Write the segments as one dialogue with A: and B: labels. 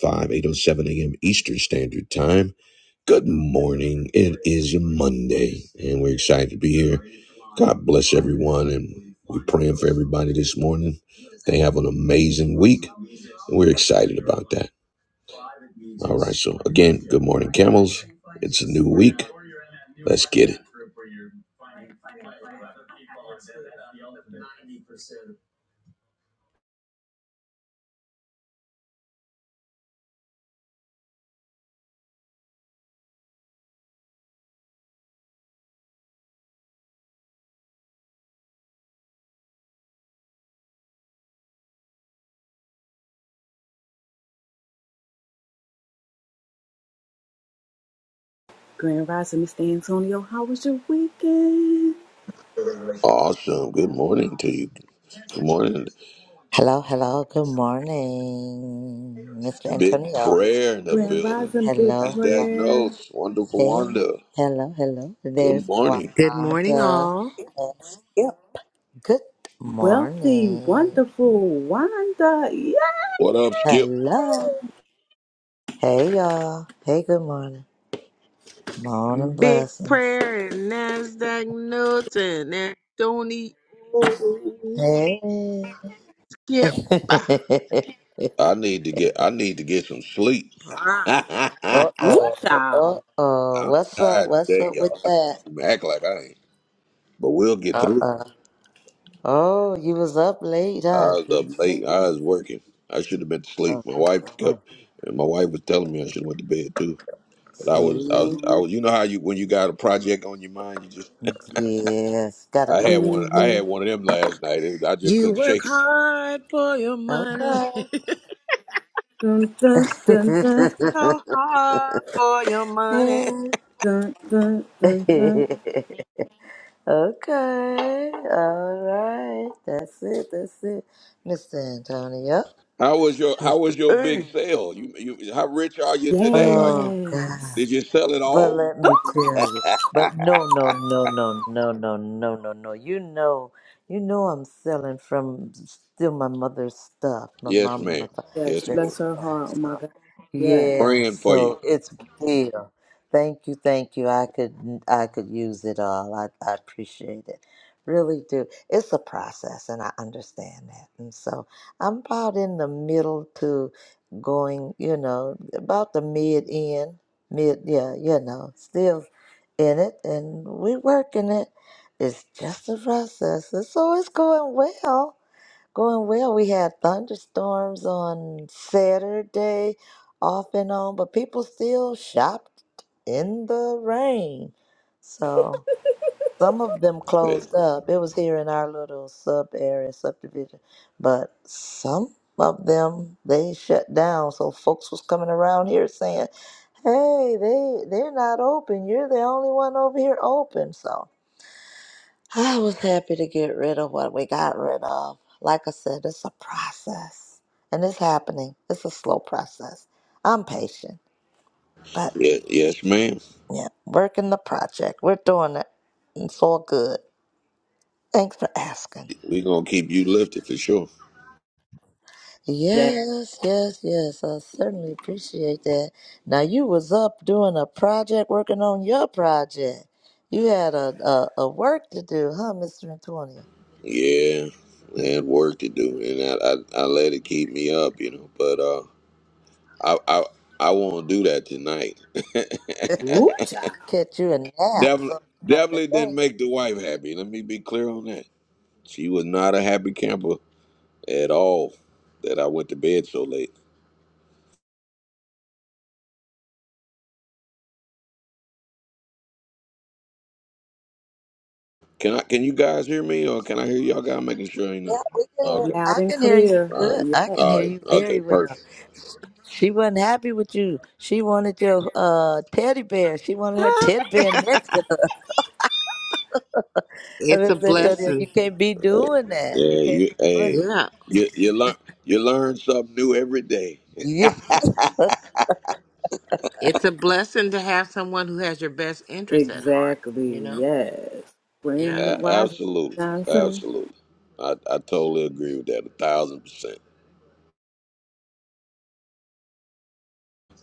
A: Five eight oh seven a.m eastern standard time good morning it is monday and we're excited to be here god bless everyone and we're praying for everybody this morning they have an amazing week and we're excited about that all right so again good morning camels it's a new week let's get it
B: Grand Rising, Mr. Antonio, how was your weekend?
A: awesome good morning to you good morning
C: Hello, hello, good morning, Mr.
A: big
C: Antonio, Miss
A: prayer in the
C: Kelly.
B: Grand
A: building
B: Rising, big
C: Hello,
A: nasdaq
C: hello,
B: prayer.
A: notes wonderful
C: hey,
A: Wanda.
C: hello, hello.
A: good
C: There's
A: morning
D: Good morning,
C: Wanda
D: all.
C: and Skip. Good
B: Wealthy,
C: morning.
B: wonderful Wanda. Yeah.
A: what up, Skip?
C: Hello, hey y'all. Hey, good morning. Morning
D: Big
C: blessings.
D: prayer and NASDAQ notes and Anthony oh,
C: Hey.
D: Skip.
A: I need to get I need to get some sleep.
D: Ah,
A: I'm
C: uh
B: Woo,
C: oh,
B: child.
C: uh oh. What's up?
A: tired
C: What's
A: today,
C: up with
A: y'all. I can't
C: that?
A: even act like I ain't. But we'll get
C: Uh
A: through.
C: uh Oh, you was up late,
A: I
C: huh?
A: was up
C: Couldn't sleep.
A: late. I was working. I should have been asleep.
C: Oh,
A: My wife kept
C: oh,
A: and my wife was telling me I should have went to bed too. But I was I
C: see,
A: was I was you know how you when you got a project on your mind, you just
C: yes, gotta
A: I had one
C: complete
A: I
C: it.
B: Mm-hmm.
A: had one of them last night. It was, I just
D: You
A: couldn't
D: work
A: shake it.
D: hard for your money.
C: Okay.
B: Dun, dun, dun, dun,
D: so hard for your money.
B: dun, dun, dun, dun.
C: okay. All right. That's it. That's it. Mr. Antonio.
A: How was your how
C: Mr.
A: was your big
C: A.
A: sale? You you how rich are you today? Are you
C: Oh God.
B: Yes.
A: did you sell it
C: But
A: all?
C: let me tell you. But no, no, no, no, no, no, no, no, no. You know, you know, I'm selling from still my mother's stuff, my
A: Yes,
C: mom and my
A: ma'am.
B: Yes.
A: Yes, ma'am.
B: Bless
C: father's
B: her heart. Oh,
C: stuff.
B: my God. Yes.
C: Yeah,
A: Praying for you.
C: so it's there. Thank you, thank you. I could I could use it all. I, I appreciate it. Really do. It's a process and I understand that. And so I'm about in the middle to going, you know, about the mid end. Mid yeah, you know, still in it and we working it. It's just a process. And so it's going well Going well. We had thunderstorms on Saturday, off and on, but people still shopped in the rain. So some of them closed up. It was here in our little sub area, subdivision, but some of them they shut down. So folks was coming around here saying, "Hey, they they're not open. You're the only one over here open." So I was happy to get rid of what we got rid of. Like I said, it's a process and it's happening. It's a slow process. I'm patient, but
A: Yeah, yes, ma'am.
C: yeah, working the project. We're doing it. And It's all good. Thanks for asking.
A: we gonna keep you lifted for sure.
B: Yes.
C: Yes, yes, yes. I certainly appreciate that. Now you was up doing a project, working on your project. You had a a, a work to do, huh, Mister Antonio?
A: Yeah, I had work to do, and I, I I let it keep me up, you know. But uh, I I I won't do that tonight.
B: Woo, child.
C: Catch you a nap
A: definitely
C: sometime
A: definitely
C: today.
A: didn't make the wife happy. Let me be clear on that. She was not a happy camper at all. That I went to bed so late. Can I? Can you guys hear me, or can I hear y'all? guys making sure ain't
C: Yeah,
A: nothing.
C: we can hear,
A: Okay.
C: I
B: Loud and
C: can hear you
B: clear.
A: All right.
C: good. I
B: Yes.
C: can
A: All
C: hear
A: right.
C: you
A: Okay.
C: very
A: Perfect.
C: well. She wasn't happy with you. She wanted your uh, teddy bear. She wanted her teddy bear next to her. I
D: it's
C: was
D: a
C: like, Antonio, you
D: blessing.
C: can't be doing that. You
A: Yeah,
C: can't
A: you
C: be doing
A: hey,
C: that.
D: Yeah.
A: you you learn you learn something new every day.
C: Yeah,
D: It's a blessing to have someone who has your best interest at heart,
B: Exactly.
D: you know?
B: Yes.
D: Yeah.
B: Grand
A: A-
B: Rising,
A: absolutely,
B: Miss Johnson.
A: absolutely. I I totally agree with that a thousand percent.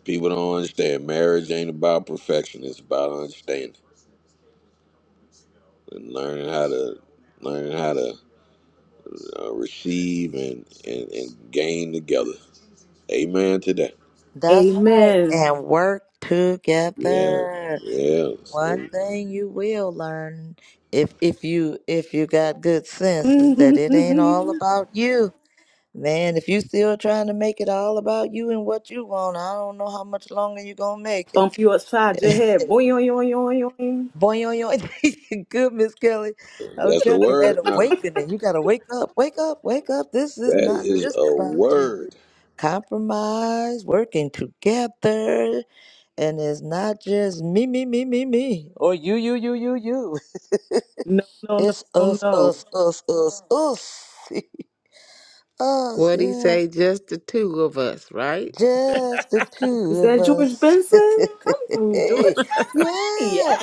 A: People don't understand marriage ain't about perfection; it's about understanding and learning how to learning how to uh, receive and, and and gain together. Amen to that.
C: that's right.
B: Amen.
C: And work
A: Yeah,
C: together.
A: yeah.
C: One
A: And
C: thing you will learn if if you if you got good sense is that
B: Bump
C: it ain't all about you. Man, if you still trying to make it all about you and what you want, I don't know how much longer you gonna make it.
B: you upside your head. Boing, boing, boing, boing.
C: Boy, yo, yo, good Miss Kelly. I'm
A: that's a
C: telling you that
A: word now.
C: awakening. You gotta wake up, wake up, wake up. This is
A: That
C: not
A: is
C: just
A: a
C: about you.
A: word.
C: Compromise, working together, and it's not just me, me, me, me, me, or you, you, you, you, you.
B: No, no, no,
C: It's
B: no,
C: us,
B: no.
C: us, us, us, us, us.
D: What'd he
C: Yeah.
D: say? Just the two of us, right?
C: Just the
B: Is
C: two of
B: that George
C: us.
B: Benson? Come through, George Benson. Yeah,
C: yeah.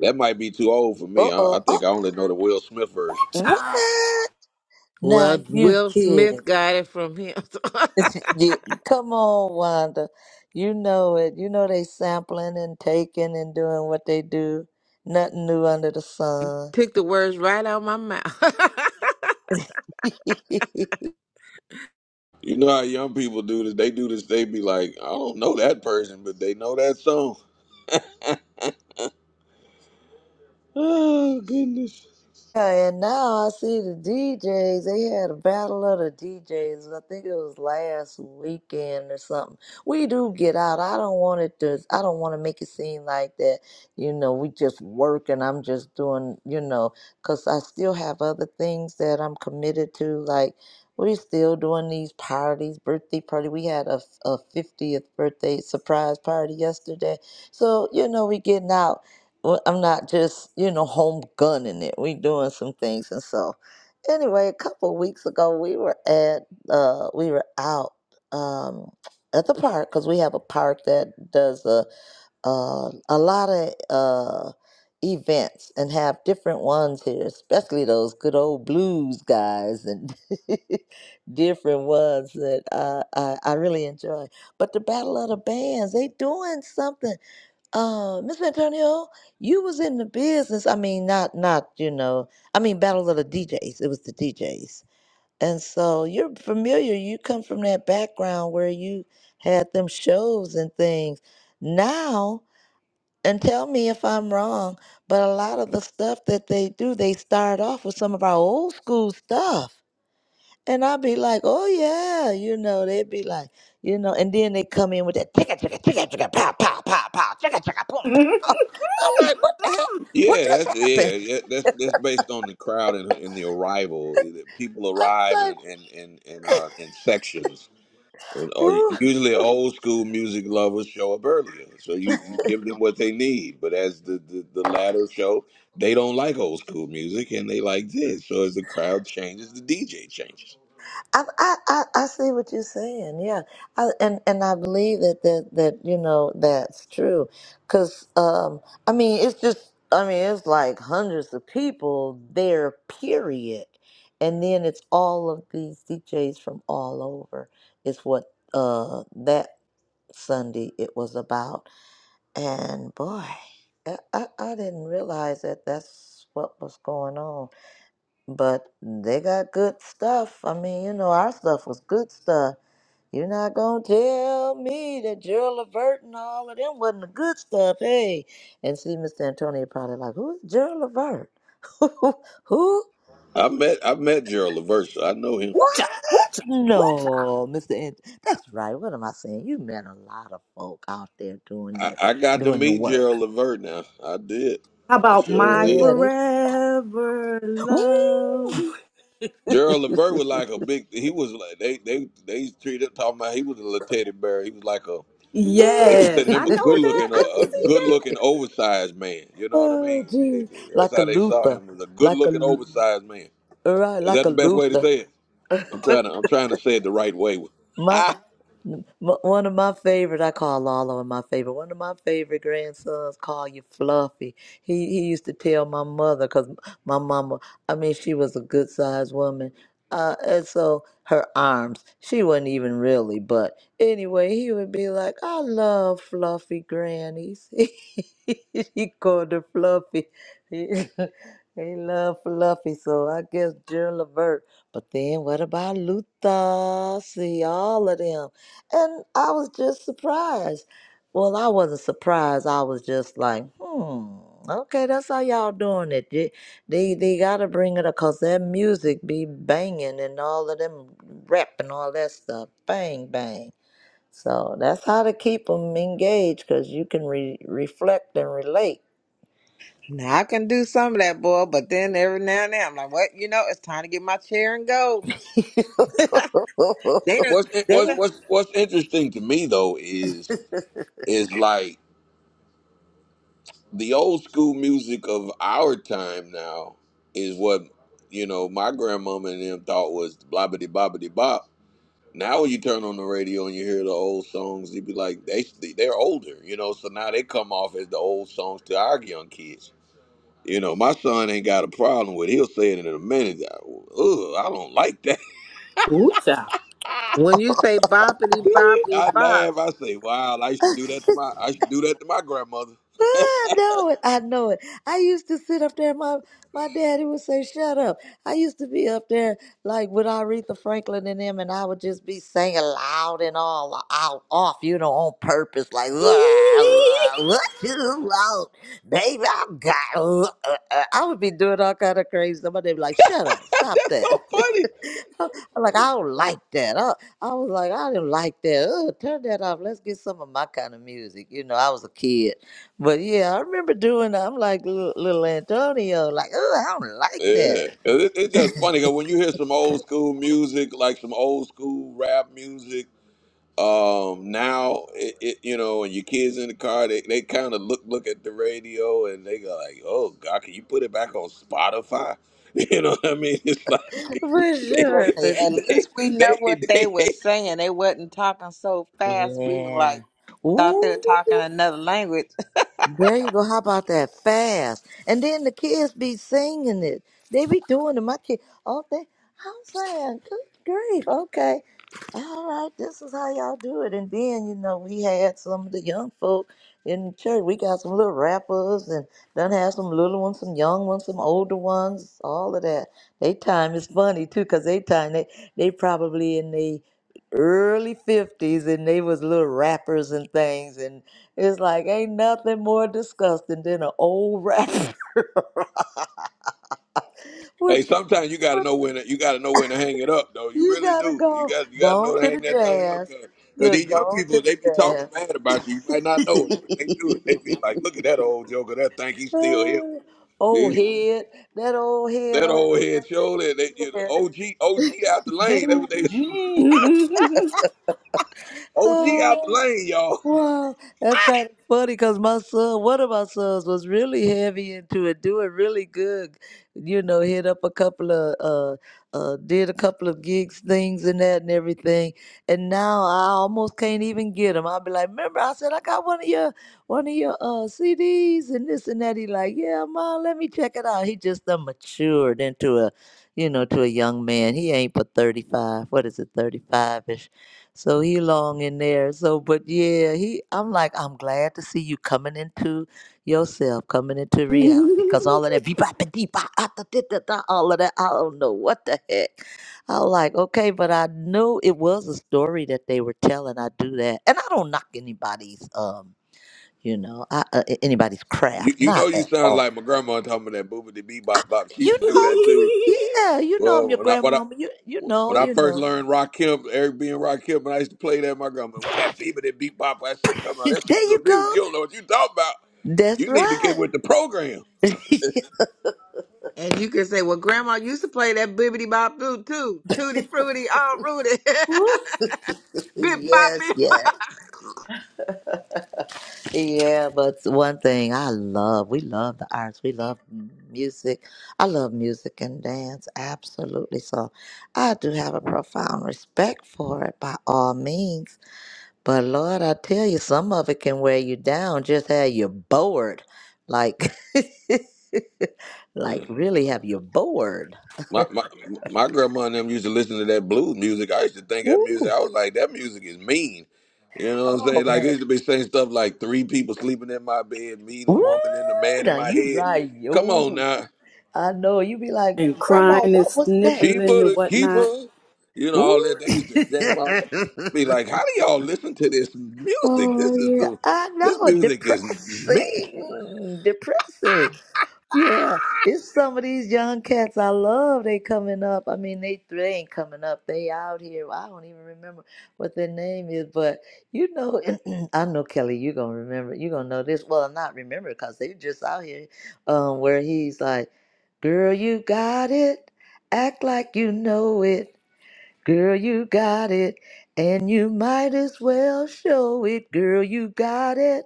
A: That might be too old for
C: Uh
A: me. I,
C: oh.
A: I think
C: Oh,
A: I only know the Will Smith version.
B: child.
C: what?
D: Well,
C: Now you
D: Will
C: kidding?
D: Smith got it from him.
C: You, come on, Wanda. You know it. You know they sampling and taking and doing what they do. Nothing new under the sun.
D: Took the words right out of my mouth.
A: You know how young people do this? They do this. They be like, I don't know that person, but they know that song. Oh goodness.
C: Yeah, and now I see the DJs. They had a battle of the DJs. I think it was last weekend or something. We do get out. I don't want it to. I don't want to make it seem like that. You know, we just work and I'm just doing. You know, because I still have other things that I'm committed to. Like we still doing these parties, birthday party. We had a a 50th birthday surprise party yesterday. So you know, we getting out well, I'm not just, you know, home gunning it. We doing some things and so anyway, a couple of weeks ago we were at uh we were out um at the park cuz we have a park that does a uh a lot of uh events and have different ones here, especially those good old blues guys and different ones that I, I I really enjoy. But the Battle of the Bands, they doing something uh, Miss Antonio, you was in the business. I mean, not not you know. I mean, Battle of the DJs. It was the DJs, and so you're familiar. You come from that background where you had them shows and things. Now, and tell me if I'm wrong, but a lot of the stuff that they do, they start off with some of our old school stuff, and I'd be like, oh yeah, you know, they'd be like, you know, and then they come in with that ticket, ticket, ticket, ticket, pow, boom. I'm like, what the heck? What
A: Yeah,
C: just
A: that's yeah,
C: happened?
A: yeah. That's that's based on the crowd and, and the arrival. People
C: I'm
A: arrive
C: like,
A: and and and, and uh, in sections. Or
C: Ooh.
A: usually old school music lovers show up earlier, so you, you give them what they need. But as the, the the latter show, they don't like old school music and they like this. So as the crowd changes, the DJ changes.
C: I, I I I see what you're saying. Yeah, I, and and I believe that that that you know that's true, because um I mean it's just I mean it's like hundreds of people there, period, and then it's all of these DJs from all over. Is what uh that Sunday it was about, and boy, I I, I didn't realize that that's what was going on but they got good stuff. I mean, you know, our stuff was good stuff. You're not gonna tell me that Gerald Levert and all of them wasn't the good stuff, hey? And see, Mr. Antonio probably like, who's Gerald Levert? Who?
A: I met I met Gerald Levert, so I know him.
B: Ooh-cha, ooh-cha, ooh-cha.
C: No, Mr. Ant- That's right. What am I saying? You met a lot of folk out there doing
A: I,
C: the
A: I got to
C: doing the
A: meet Gerald
C: work.
A: Levert now. I did.
B: How
A: I
B: about
A: sure
B: my
C: Yeah,
A: did.
C: they.
B: forever love?
C: Woo!
A: Gerald Levert was like a big. He was like they they they used to treat him talking about. He was a little teddy bear. He was like a They
B: Yes,
A: consider
B: I
A: him a
B: know
A: good
B: that.
A: looking,
B: I can
A: a, a
B: see
A: good looking oversized man. You know what I
C: oh,
A: mean? They-
C: geez.
A: That's
C: Like a
A: how they saw
C: Luther,
A: him as a good
C: like
A: looking
C: a
A: oversized man.
C: Right,
A: Is
C: like
A: that
C: a
A: the best way to
C: Luther.
A: say it? I'm trying to, I'm trying to say it the right way.
C: My
A: Ah,
C: M- One of my favorite, I call Lalo my favorite. One of my favorite grandsons call you Fluffy. He he used to tell my mother because my mama, I mean, she was a good sized woman. Uh, and so her arms, she wasn't even really, but anyway, he would be like, "I love Fluffy grannies." he called her Fluffy. he loved Fluffy, so I guess Gerald Levert. But then what about Luther? See all of them. And I was just surprised. Well, I wasn't surprised. I was just like, hmm, okay, that's how y'all doing it. They they, they gotta bring it up because that music be banging and all of them rap and all that stuff. Bang, bang. So that's how to keep them engaged because you can re- reflect and relate.
D: Now I can do some of that, boy, but then every now and then I'm like, what? You know, it's time to get my chair and go. They don't.
A: what's
D: They
A: what's
D: don't.
A: what's what's interesting to me though is is like the old school music of our time now is what you know my grandmama and them thought was blobbity bobbity bop Now when you turn on the radio and you hear the old songs, you be like, they they're older, you know. So now they come off as the old songs to our young kids. You know, my son ain't got a problem with. it. He'll say it in a minute. Ugh, I don't like that.
B: that.
D: when you say boppity boppity
A: I
D: bop,
A: laugh. I say, "Wow, I used to do that to my. I used to do that to my grandmother."
C: I know it. I know it. I used to sit up there. My my daddy would say, "Shut up." I used to be up there like with Aretha Franklin and them, and I would just be singing loud and all out off, you know, on purpose, like "Wah,
B: Ooh-cha.
C: wah, what you want, baby. I got. uh, uh, uh." I would be doing all kind of crazy. Somebody would be like, "Shut up, stop
A: That's
C: that."
A: so funny.
C: I'm like I don't like that. I, I was like, I didn't like that. Ugh, turn that off. Let's get some of my kind of music. You know, I was a kid. But yeah, I remember doing. I'm like little, little Antonio, like, oh, I don't like that
A: Yeah, 'Cause it, it's just funny because when you hear some old school music, like some old school rap music um now it, it you know and your kids in the car they, they kind of look look at the radio and they go like oh god can you put it back on spotify you know what i mean it's like
C: for
A: they
D: let's
C: sure. For,
D: Listen,
C: sure.
D: at least
A: they
D: we know what
A: they,
D: they
A: they
D: were saying. They wasn't talking so fast. We were
C: yeah.
D: like, thought they were talking
C: Ooh.
D: another language.
C: There you go. How about that fast? And then the kids be singing it. They be doing it. My kids oh, they, I'm saying, good grief. Okay. All right. This is how y'all do it. And then, you know, we had some of the young folk in the church. We got some little rappers and done had some little ones, some young ones, some older ones, all of that. They time is funny too because they time, they, they probably in the early 50s and they was little rappers and things it's like ain't nothing more disgusting than an old rap. what,
A: hey sometimes you got to
C: what
A: know when to, you got to know when to hang it up though you
C: you
A: really
C: gotta
A: do you
C: go,
A: got you
C: go
A: got to
C: on
A: know to
C: to the
A: hang that thing up
C: jazz.
A: because these
C: Look, go
A: young
C: on
A: people
C: to
A: they be talking
C: the
A: bad about you you might not know it but they do they be
C: jazz.
A: like look at that old joker that think he's still here
C: Uh, old head, that old head
A: That
C: over
A: old head shoulder, that you
C: there.
A: know, OG, OG
C: Yeah.
A: out the lane. That what
C: Diddle
A: they
C: G.
A: OG out
C: Oh.
A: the lane, y'all.
C: Wow, that's kind of funny because my son, one of my sons, was really heavy into it, doing really good. You know, hit up a couple of, uh, uh, did a couple of gigs, things and that and everything. And now I almost can't even get him. I'll be like, remember, I said I got one of your, one of your uh CDs and this and that. He like, yeah, ma, let me check it out. He just done matured into a, you know, to a young man. He ain't but thirty five. What is it, thirty five ish? So he long in there. So, but yeah, he. I'm like, I'm glad to see you coming into yourself, coming into reality, cause all of that beep bop deep all of that. I don't know what the heck. I was like, okay, but I knew it was a story that they were telling. I do that, and I don't knock anybody's, um, you know, I, uh, a- anybody's
A: You,
C: craft,
A: you know
C: not
A: you
C: at
A: sound like
C: all.
A: my grandma talking about that booba the bebop bop. She
C: You
A: used to do that
C: know.
A: too.
C: Yeah, you know I'm
A: Well,
C: your
A: when I when I
C: grandmama. You you know,
A: when I
C: you
A: first
C: know.
A: learned Rakim, Eric B and Rakim, and I used to play that, my grandma, with that bebop that bebop. I said, "Grandma, that's some
C: There you
A: good music.
C: go.
A: You don't know what you talking about.
C: That's
A: You need to get
C: right.
A: with the program."
D: and you can say, "Well, Grandma used to play that bibbity bop boo too, tutti frutti, all rooty, bip bop
C: Yes,
D: bip."
C: yeah, yeah. But one thing I love, we love the arts, we love music. I love music and dance, absolutely. So I do have a profound respect for it by all means. But Lord, I tell you, some of it can wear you down. Just have you bored, like, like
A: Man.
C: really have you bored.
A: My, my my grandma and them used to listen to that blues music. I used to think that music.
C: Woo.
A: I was like, that music is mean. You know what I'm
C: Oh
A: saying? Like it
C: man.
A: used to be saying stuff like three people sleeping in my bed, me, the
C: Woo!
A: woman, and the man in
C: Now
A: my
C: you
A: head.
C: right,
A: Come on
C: yo.
A: now,
C: I know you be like,
B: and
C: Grandma,
B: crying and
C: what was that?
B: sniffling
A: keeper
B: and
A: the
B: whatnot.
A: keeper. You know all
C: Ooh.
A: that. They used to jam out. That. Be like, how do y'all listen to this music?
C: oh
A: This is
C: yeah,
A: the
C: I
A: this
C: know.
A: music is mean.
C: Depressing, depressing. Yeah, it's some of these young cats I love. They coming up. I mean, they they ain't coming up. They out here. I don't even remember what their name is, but you know, I know Kelly. You gonna remember? You gonna know this? Well, not remember because they just out here, um, where he's like, "Girl, you got it. Act like you know it." Girl, you got it, and you might as well show it. Girl, you got it.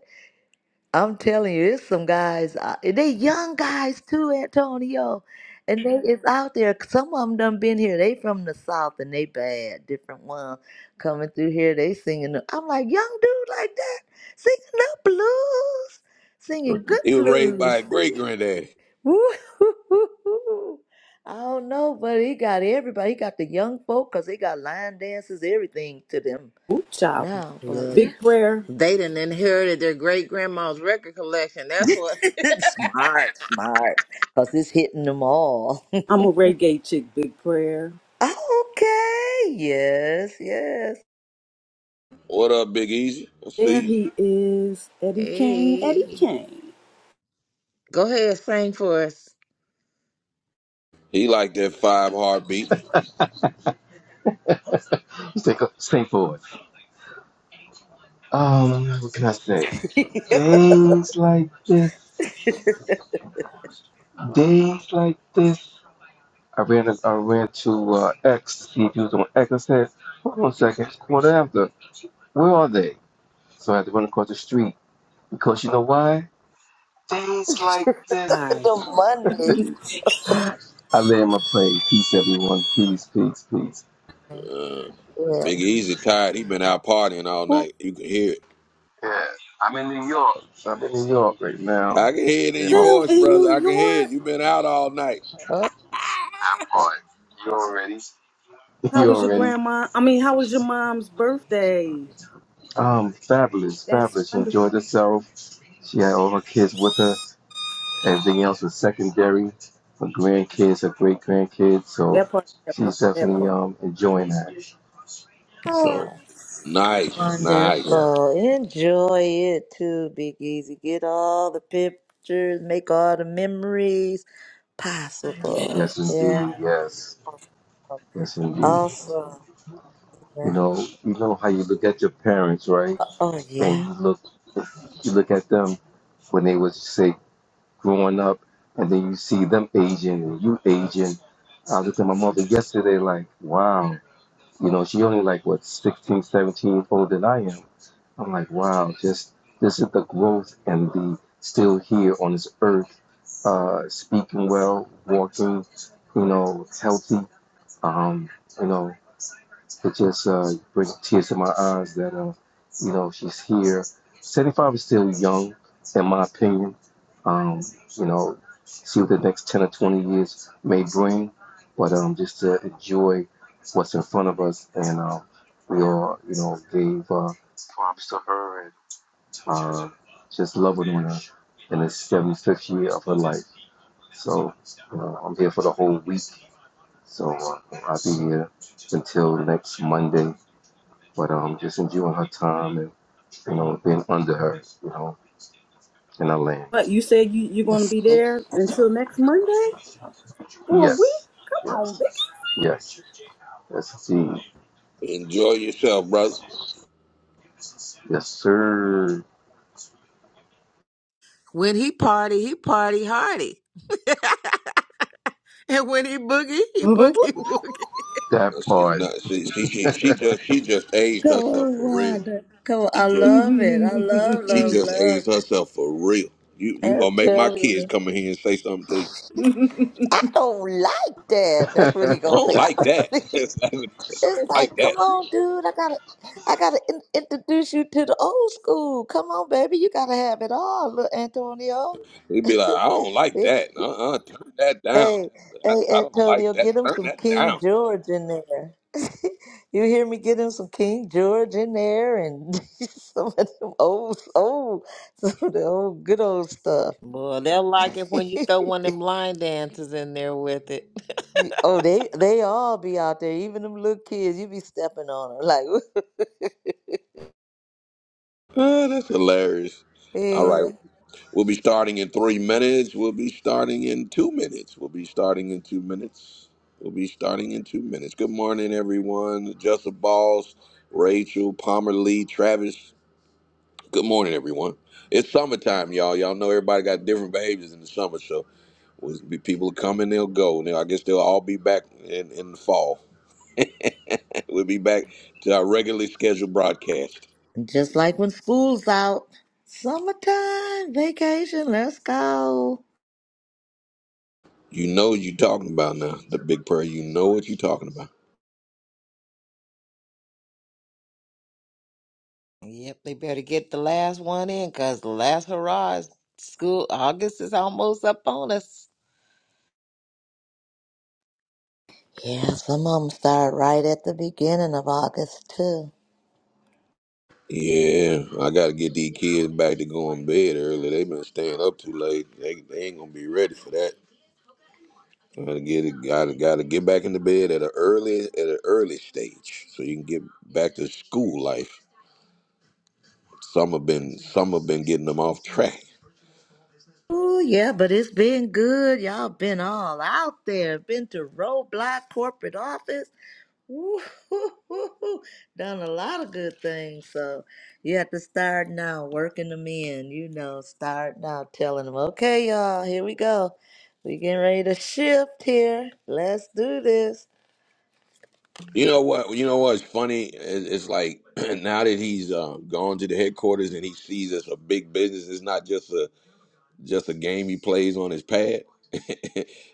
C: I'm telling you, it's some guys. uh, They young guys too, Antonio, and they is out there. Some of them done been here. They from the south, and they bad. Different one coming through here. They singing. the- I'm like young dude like that, singing the blues, singing good
A: He was raised by
C: blues.
A: a great granddaddy.
C: Woo-hoo-hoo-hoo. I don't know, but he got everybody. He got the young folk because they got line dances, everything to them
B: Ooh-cha,
C: now. But
D: Look,
C: yeah,
B: Big Prayer.
D: They done inherited their great grandma's record collection. That's what.
C: smart, smart, because it's hitting them all.
B: I'm a reggae chick, Big Prayer.
C: okay, yes, yes.
A: What up, Big Easy? I
B: There
A: see you.
B: he is, Eddie Kane. Eddie
D: Hey,
B: Kane.
D: go ahead, sing for us.
A: He like that five heartbeat.
E: Just Stay, stay forward. Um, what can I say?
C: the
E: Days like this, days like this. I ran, I ran to uh, X to see if he was on X. I said, hold on a second, What after. Where are they? So I had to run across the street because you know why? Days like this.
B: Hi.
C: Mondays.
E: I land my plane. Peace, everyone. Peace, peace, peace.
C: Yeah.
A: Big Easy tired. He been out partying all night. You can hear it.
E: Yeah, I'm in New York. I'm in New York right now.
A: I can hear it in
E: Yeah,
A: your
E: well,
B: Still
A: voice,
B: in
A: brother.
B: New
A: I can hear it.
B: York.
A: You been out all night.
E: that part. You already?
B: How
E: You
B: was your
E: already?
B: grandma? I mean, how was your mom's birthday?
E: Um, fabulous,
B: That's
E: fabulous. She
B: wonderful.
E: enjoyed herself. She had all her kids with her. Everything else was secondary. Her grandkids, her great grandkids. So
B: That part, that part,
E: she's
B: that
E: definitely
B: part.
E: um enjoying that.
C: Oh,
E: So
A: Nice,
E: yeah,
A: nice.
C: wonderful. Enjoy it too, Big Easy. Get all the pictures, make all the memories
B: Yeah.
C: possible.
E: yes
C: Yeah.
E: indeed, yes,
C: awesome.
E: yes indeed.
C: Awesome. Yeah.
E: You know, you know how you look at your parents, right?
C: Oh,
E: And
C: yeah.
E: you look, you look at them when they was say growing up, and then you see them aging and you aging. I looked at my mother yesterday, like, wow You know, she only like what 16, 17 years older than I am. I'm like, wow, just this is the growth and the still here on this earth, uh, speaking well, walking, you know, healthy. Um, you know, it just uh, brings tears to my eyes that uh, you know she's here. Seventy five is still young, in my opinion. Um, you know, see what the next ten or twenty years may bring, but um, just to enjoy what's in front of us, and um, we all you know gave uh, props to her and uh, just loving on her in the seventy fifth year of her life. So you I'm here for the whole week. So uh, I'll be here until next Monday but um, just enjoying her time and you know being under her, you know, in her lane.
B: But you said you, you're going to be there until next Monday? For a week?
E: Yes,
B: Come on,
E: yes,
B: Biggie.
E: yes, yes, indeed,
A: Enjoy yourself, brother.
E: yes, sir.
D: When he party, he party hardy. and when he boogie, he boogie woogie.
E: That
A: She's
E: part.
A: not, she, she, she,
E: peace
A: she just she just aged
C: Come
A: herself
C: on,
A: for real.
C: Wanda. Come on.
A: She
C: I
A: just
C: love it. I love,
A: she
C: love,
A: just
C: love
A: aged
C: it.
A: herself for real. You you
C: I'll
A: gonna make my
C: tell
A: kids
C: you.
A: come in here and say something to you?
C: I don't like that. That's what he
A: I
C: gonna say.
A: don't
C: I
A: like
C: don't,
A: that. That's what he said. I
C: it's
A: don't
C: like,
A: like
C: come
A: that.
C: on, dude. I gotta, I gotta in, introduce you to the old school. Come on, baby. You gotta have it all, little Antonio.
A: He'd be like, I don't like
C: Yeah.
A: that. Uh uh turn that down.
C: Hey,
A: I,
C: hey,
A: I don't like
C: Antonio,
A: that.
C: get him
A: Turn
C: some
A: that
C: King
A: down.
C: George in there. you hear me? Get him some King George in there and some of them old, old, some of the old, good old stuff.
D: Boy, they'll like it when you throw one of them line dancers in there with it.
C: You- oh, they they all be out there, even them little kids. You be stepping on them, like
A: Ah, that's hilarious. All right.
C: yeah.
A: We'll be starting in three minutes. We'll be starting in two minutes. We'll be starting in two minutes. We'll be starting in two minutes. Good morning, everyone. Joseph Balls, Rachel, Palmer Lee, Travis. Good morning, everyone. It's summertime, y'all. Y'all know everybody got different behaviors in the summer, so we'll be- people come and they'll go. Now, I guess they'll all be back in, in the fall. we'll be back to our regularly scheduled broadcast.
C: Just like when school's out, summertime vacation. Let's go.
A: You know what you talking about now, the big prayer. You know what you talking about.
D: yep, they better get the last one in because the last hurrah is school. August is almost up on us.
C: Yeah, some of them start right at the beginning of August too.
A: Yeah, I gotta get these kids back to going to bed early. They've been staying up too late. They, they ain't gonna be ready for that. Gotta get it. Gotta gotta get back into bed at an early at an early stage so you can get back to school life. Some have been some have been getting them off track.
C: Oh yeah, but it's been good. Y'all been all out there. Been to Roadblock corporate office. Woo hoo hoo hoo. Done a lot of good things. So you have to start now, working them in. You know, start now, telling them, okay, y'all, here we go. We getting ready to shift here. Let's do this.
A: You know what? You know what's funny? It- It's like now that he's uh, gone to the headquarters and he sees us a big business. It's not just a just a game he plays on his pad. now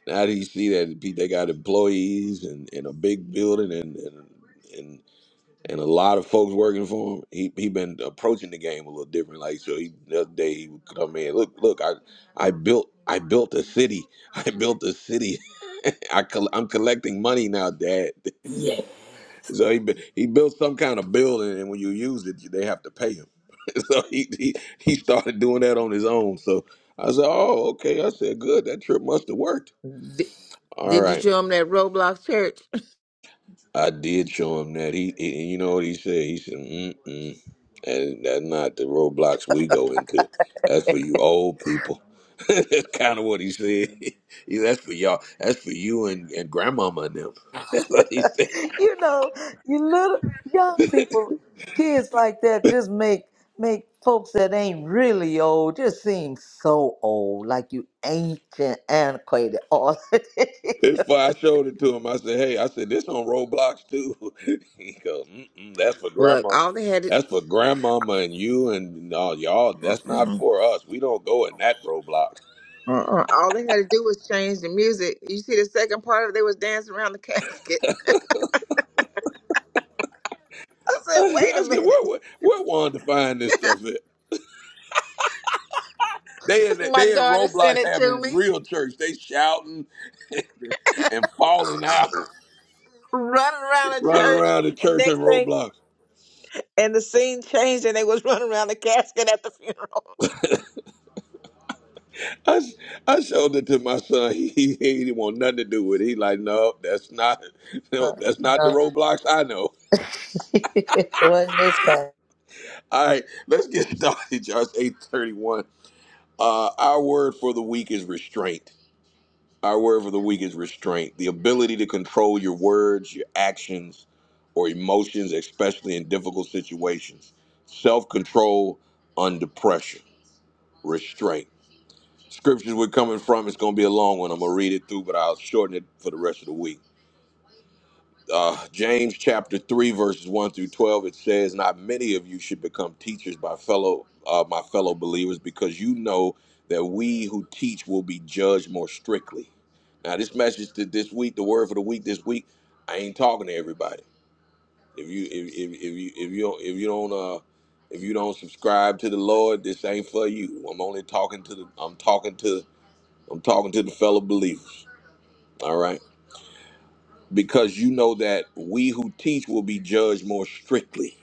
A: that he see that pe- they got employees and, and a big building and, and and and a lot of folks working for him, he he been approaching the game a little different. Like so, he the other day he would come in. Look, look, I I built I built a city. I built a city. I col- I'm collecting money now, Dad.
B: yeah.
A: So he bu- he built some kind of building, and when you use it, they have to pay him. so he, he he started doing that on his own. So I said, "Oh, okay." I said, "Good. That trip must have worked."
D: Did,
A: All
D: did you
A: right,
D: show them that Roblox church?
A: I did show him that. He, he you know what he said? He said, "Mm-mm, and that's not the roadblocks we go into. That's for you old people." that's kind of what he said. He, that's for y'all. That's for you and and grandmama and them. That's what he said.
C: you know, you little young people, kids like that just make make folks that ain't really old just seem so old, like you ancient, antiquated, all.
A: It's why I showed it to him. I said, "Hey, I said this on Roblox too." he goes, Mm-mm, "That's for
D: Look,
A: grandma.
D: all they had it.
A: That's for grandmama and you and all y'all. That's not for us. We don't go in that Roblox."
D: Uh-uh. All they had to do was change the music. You see, the second part of it, they was dancing around the casket. I said, "Wait a
A: I said, "Where
D: minute!"
A: where, where wanted to find this stuff at?" They in
D: My
A: they in
D: daughter sent
A: Roblox
D: it to
A: having
D: me,
A: real church. They shouting and falling out,
D: running around the
A: running
D: church,
A: around the
D: and
A: church in
D: next thing,
A: Roblox.
D: and the scene changed, and they was running around the casket at the funeral.
A: I, s- I showed it to my son. He, he he didn't want nothing to do with it. He like, no, that's not no,
C: no,
A: that's not the Roblox I know.
C: wasn't this kind.
A: All right, let's get started, Josh. Eight thirty-one. Uh, our word for the week is restraint. Our word for the week is restraint. The ability to control your words, your actions, or emotions, especially in difficult situations. Self-control under pressure. Restraint. Scriptures we're coming from. It's going to be a long one. I'm gonna read it through, but I'll shorten it for the rest of the week. uh, James chapter 3 verses 1 through 12 it says not many of you should become teachers by fellow uh, my fellow believers because you know that we who teach will be judged more strictly now this message to this week the word for the week this week I ain't talking to everybody if you if, if, if you if you don't if you don't uh if you don't subscribe to the Lord this ain't for you I'm only talking to the I'm talking to I'm talking to the fellow believers all right because you know that we who teach will be judged more strictly.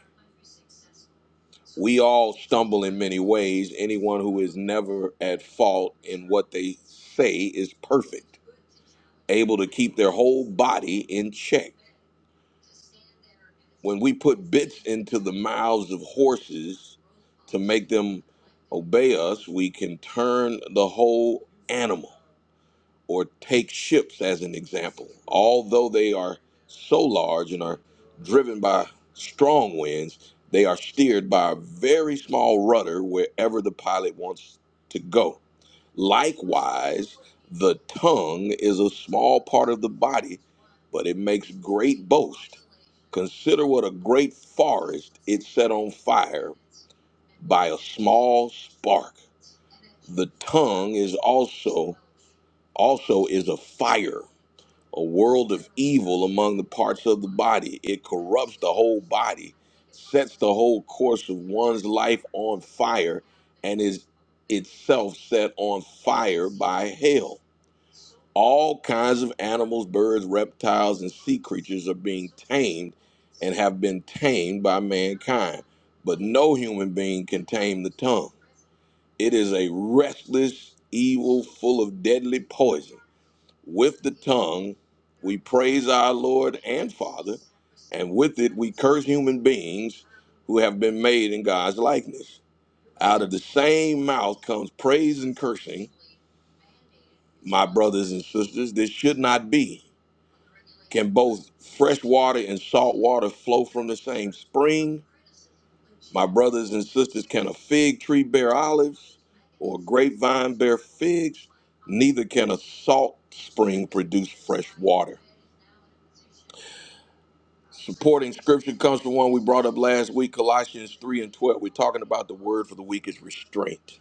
A: We all stumble in many ways. Anyone who is never at fault in what they say is perfect, able to keep their whole body in check. When we put bits into the mouths of horses to make them obey us, we can turn the whole animal. or take ships as an example. Although they are so large and are driven by strong winds, they are steered by a very small rudder wherever the pilot wants to go. Likewise, the tongue is a small part of the body, but it makes great boast. Consider what a great forest it set on fire by a small spark. The tongue is also also is a fire a world of evil among the parts of the body. It corrupts the whole body, sets the whole course of one's life on fire, and is itself set on fire by hell. All kinds of animals, birds, reptiles, and sea creatures are being tamed and have been tamed by mankind. But no human being can tame the tongue. It is a restless evil full of deadly poison with the tongue, we praise our Lord and Father, and with it, we curse human beings who have been made in God's likeness. Out of the same mouth comes praise and cursing. My brothers and sisters, this should not be. Can both fresh water and salt water flow from the same spring? My brothers and sisters, can a fig tree bear olives or a grapevine bear figs? Neither can a salt spring produce fresh water. Supporting scripture comes from one we brought up last week, Colossians 3 and 12. We're talking about the word for the week is restraint.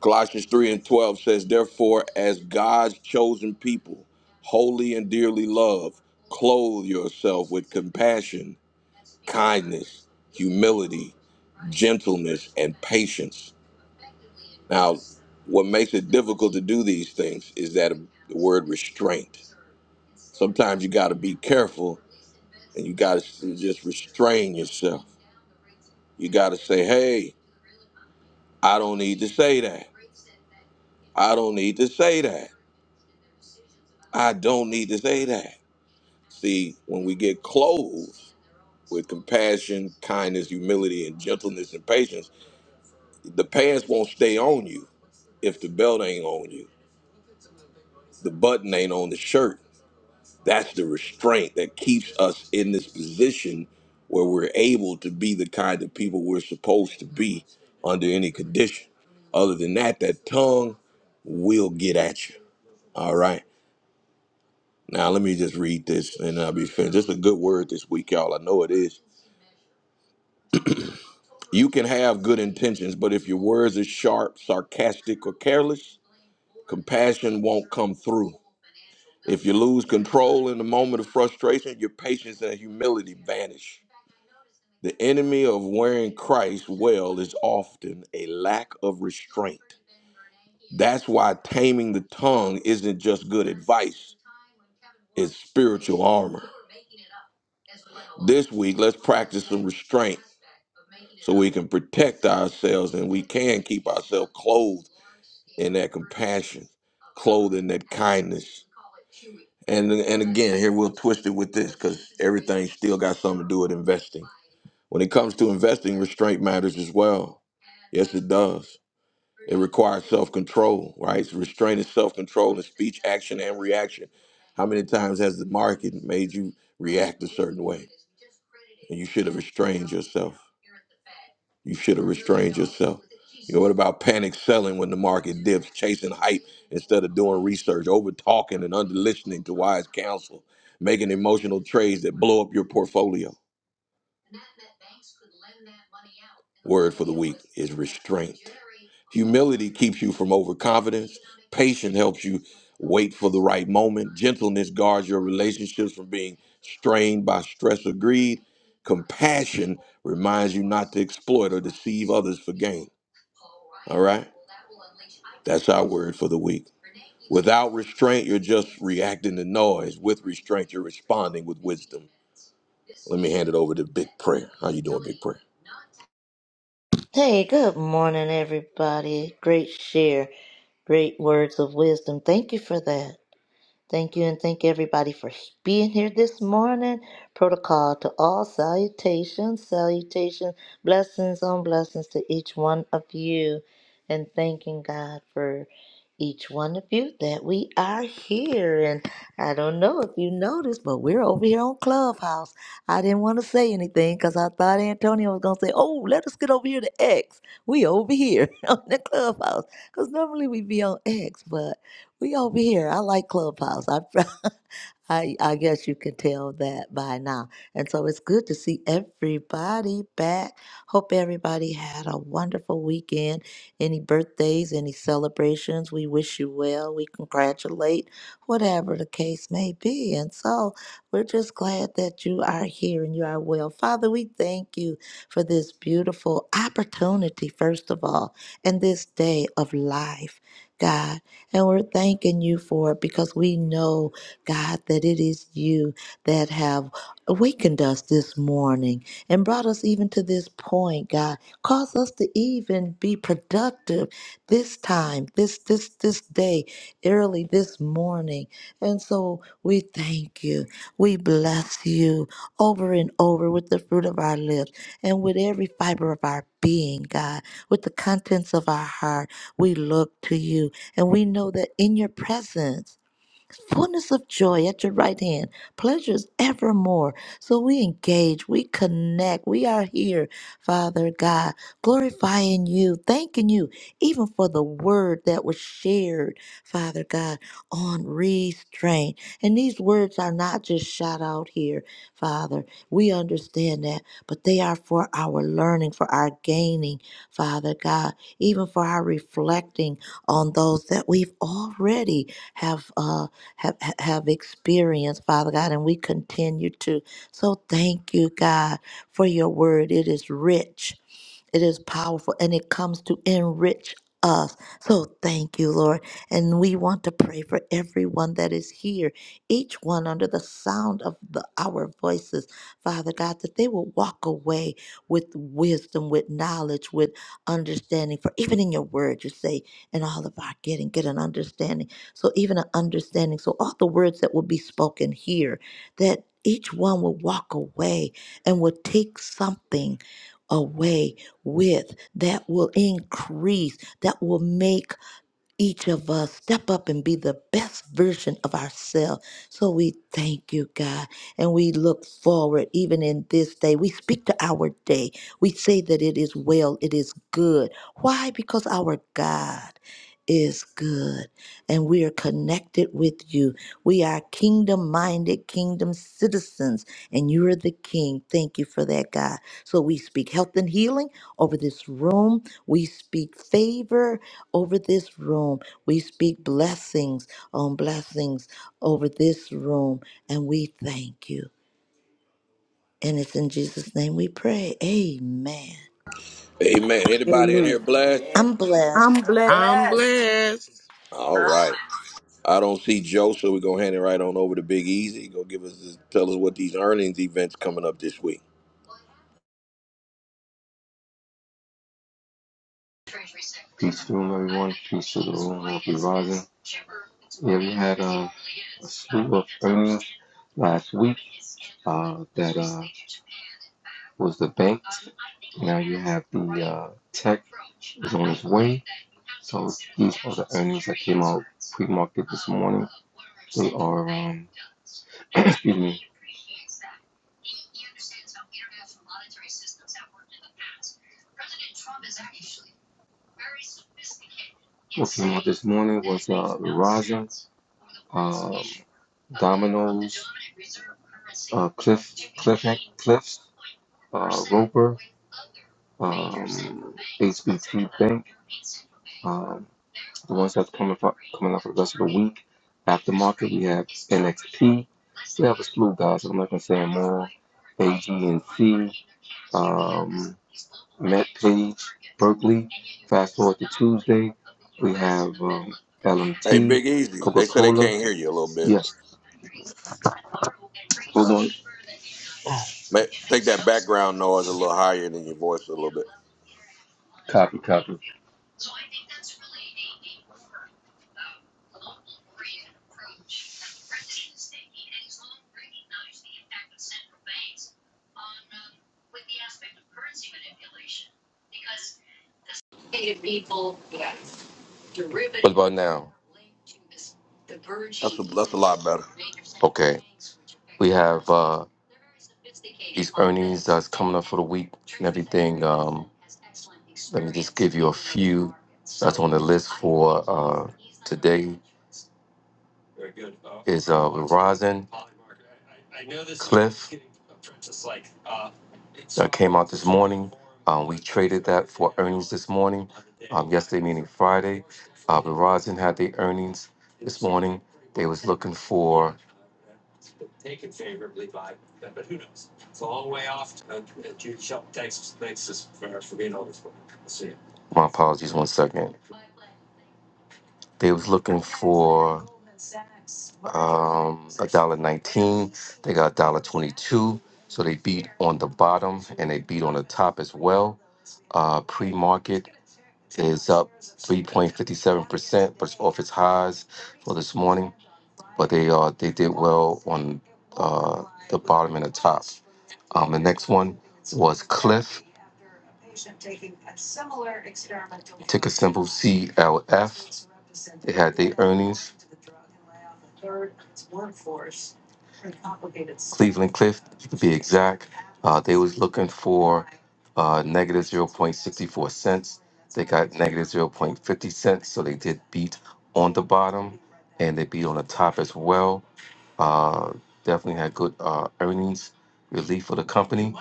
A: Colossians 3 and 12 says, Therefore, as God's chosen people, holy and dearly loved, clothe yourself with compassion, kindness, humility, gentleness, and patience. Now, what makes it difficult to do these things is that the word restraint. Sometimes you got to be careful and you got to just restrain yourself You got to say, hey, I don't need to say that. I don't need to say that. I don't need to say that. See, when we get clothed with compassion, kindness, humility, and gentleness and patience, the pants won't stay on you if the belt ain't on you, the button ain't on the shirt. That's the restraint that keeps us in this position where we're able to be the kind of people we're supposed to be under any condition. Other than that, that tongue will get at you All right. Now let me just read this and I'll be finished. This is a good word this week, y'all. I know it is. You can have good intentions, but if your words are sharp, sarcastic, or careless, compassion won't come through. If you lose control in the moment of frustration, your patience and humility vanish. The enemy of wearing Christ well is often a lack of restraint. That's why taming the tongue isn't just good advice, it's spiritual armor. This week, let's practice some restraint so we can protect ourselves and we can keep ourselves clothed in that compassion, clothed in that kindness. And and again, here we'll twist it with this because everything still got something to do with investing. When it comes to investing, restraint matters as well. Yes, it does. It requires self control, right? So restraint is self control in speech, action, and reaction. How many times has the market made you react a certain way? And you should have restrained yourself. You should have restrained yourself. You know, what about panic selling when the market dips, chasing hype instead of doing research, over talking and under listening to wise counsel, making emotional trades that blow up your portfolio? Word for the week is restraint. Humility keeps you from overconfidence. Patience helps you Wait for the right moment. Gentleness guards your relationships from being strained by stress or greed. Compassion reminds you not to exploit or deceive others for gain. All right? That's our word for the week. Without restraint, you're just reacting to noise. With restraint, you're responding with wisdom. Let me hand it over to Big Prayer. How you doing, Big Prayer?
C: Hey, good morning, everybody. Great share, great words of wisdom. Thank you for that. Thank you and thank everybody for being here this morning. Protocol to all salutations, salutations, blessings on blessings to each one of you. And thanking God for each one of you that we are here. And I don't know if you noticed, but we're over here on Clubhouse. I didn't want to say anything because I thought Antonio was going to say, Oh, let us get over here to X. We over here on the Clubhouse. Because normally we be on X, but. We over here. I like Clubhouse. I I, I guess you can tell that by now. And so it's good to see everybody back. Hope everybody had a wonderful weekend. Any birthdays, any celebrations, we wish you well. We congratulate, whatever the case may be. And so we're just glad that you are here and you are well. Father, we thank you for this beautiful opportunity, first of all, and this day of life, God. And we're thanking you for it because we know. God, that it is you that have awakened us this morning and brought us even to this point, God. Cause us to even be productive this time, this this this day, early this morning. And so we thank you. We bless you over and over with the fruit of our lips and with every fiber of our being, God, with the contents of our heart. We look to you and we know that in your presence fullness of joy at your right hand, pleasures evermore. So we engage, we connect, we are here, Father God, glorifying you, thanking you, even for the word that was shared, Father God, on restraint. And these words are not just shot out here, Father. We understand that, but they are for our learning, for our gaining, Father God, even for our reflecting on those that we've already have. Uh, have, have experienced, Father God, and we continue to. So thank you, God, for your word. It is rich, it is powerful, and it comes to enrich us. So thank you, Lord. And we want to pray for everyone that is here, each one under the sound of the, our voices, Father God, that they will walk away with wisdom, with knowledge, with understanding. For even in your word, you say, in all of our getting, get an understanding. So even an understanding. So all the words that will be spoken here, that each one will walk away and will take something away with that will increase, that will make each of us step up and be the best version of ourselves. So we thank you, God, and we look forward even in this day. We speak to our day. We say that it is well, it is good. Why? Because our God is good and we are connected with you. We are kingdom minded, kingdom citizens, and you are the king. Thank you for that, God. So we speak health and healing over this room. We speak favor over this room. We speak blessings on blessings over this room, and we thank you. And it's in Jesus' name we pray. Amen.
A: Amen. Anybody in
B: Amen.
A: here blessed?
F: Amen.
C: I'm
B: I'm
C: blessed.
B: blessed.
D: I'm
F: Blessed.
D: blessed.
A: All
G: Huh?
A: right. I don't see Joe, so we're gonna hand it right on over to Big Easy. Go give us tell us what these earnings events coming up this week.
E: to the room, everyone. Peace to the room. We'll Be rising. Yeah, we had uh, a slew of earnings last week uh, that uh, was the bank. Now you have the uh, tech is on its way. So these are the earnings that came out pre-market this morning. They are, um, excuse me, what came out this morning was uh, Verizon, um, Domino's, uh, Cliff, Cliff, Cliffs, uh, Roper, um, HBT Bank. uh, The ones that's coming for coming up for the rest of the week. After market, we have NXT. We have a slew of guys. so I'm not gonna say no more all. AGNC, um, Matt Page, Berkeley. Fast forward to Tuesday, we have um,
A: Hey,
E: LMT,
A: Big Easy,
E: Coca
A: they say they
E: Cola.
A: can't hear you a little bit.
E: Yes, hold on.
A: Ma- Take that background noise a little higher than your voice a little bit.
E: Copy, copy. What about now?
A: That's a, that's a lot better.
E: Okay. We have uh, these earnings that's coming up for the week and everything. Um, let me just give you a few that's on the list for uh, today is uh, Verizon, Cliff, that came out this morning. Um, we traded that for earnings this morning. Um, yesterday, meaning Friday, uh, Verizon had their earnings this morning. They was looking for my apologies. One second. They was looking for um a dollar nineteen. They got a dollar twenty two. So they beat on the bottom and they beat on the top as well. Uh pre market is up three point fifty seven percent, but it's off its highs for this morning. But they uh they did well on uh the bottom and the top. Um the next one was Cliff simple CLF. 0.64 0.50 on the they beat on the top as well. Uh, definitely had good uh, earnings relief for the company.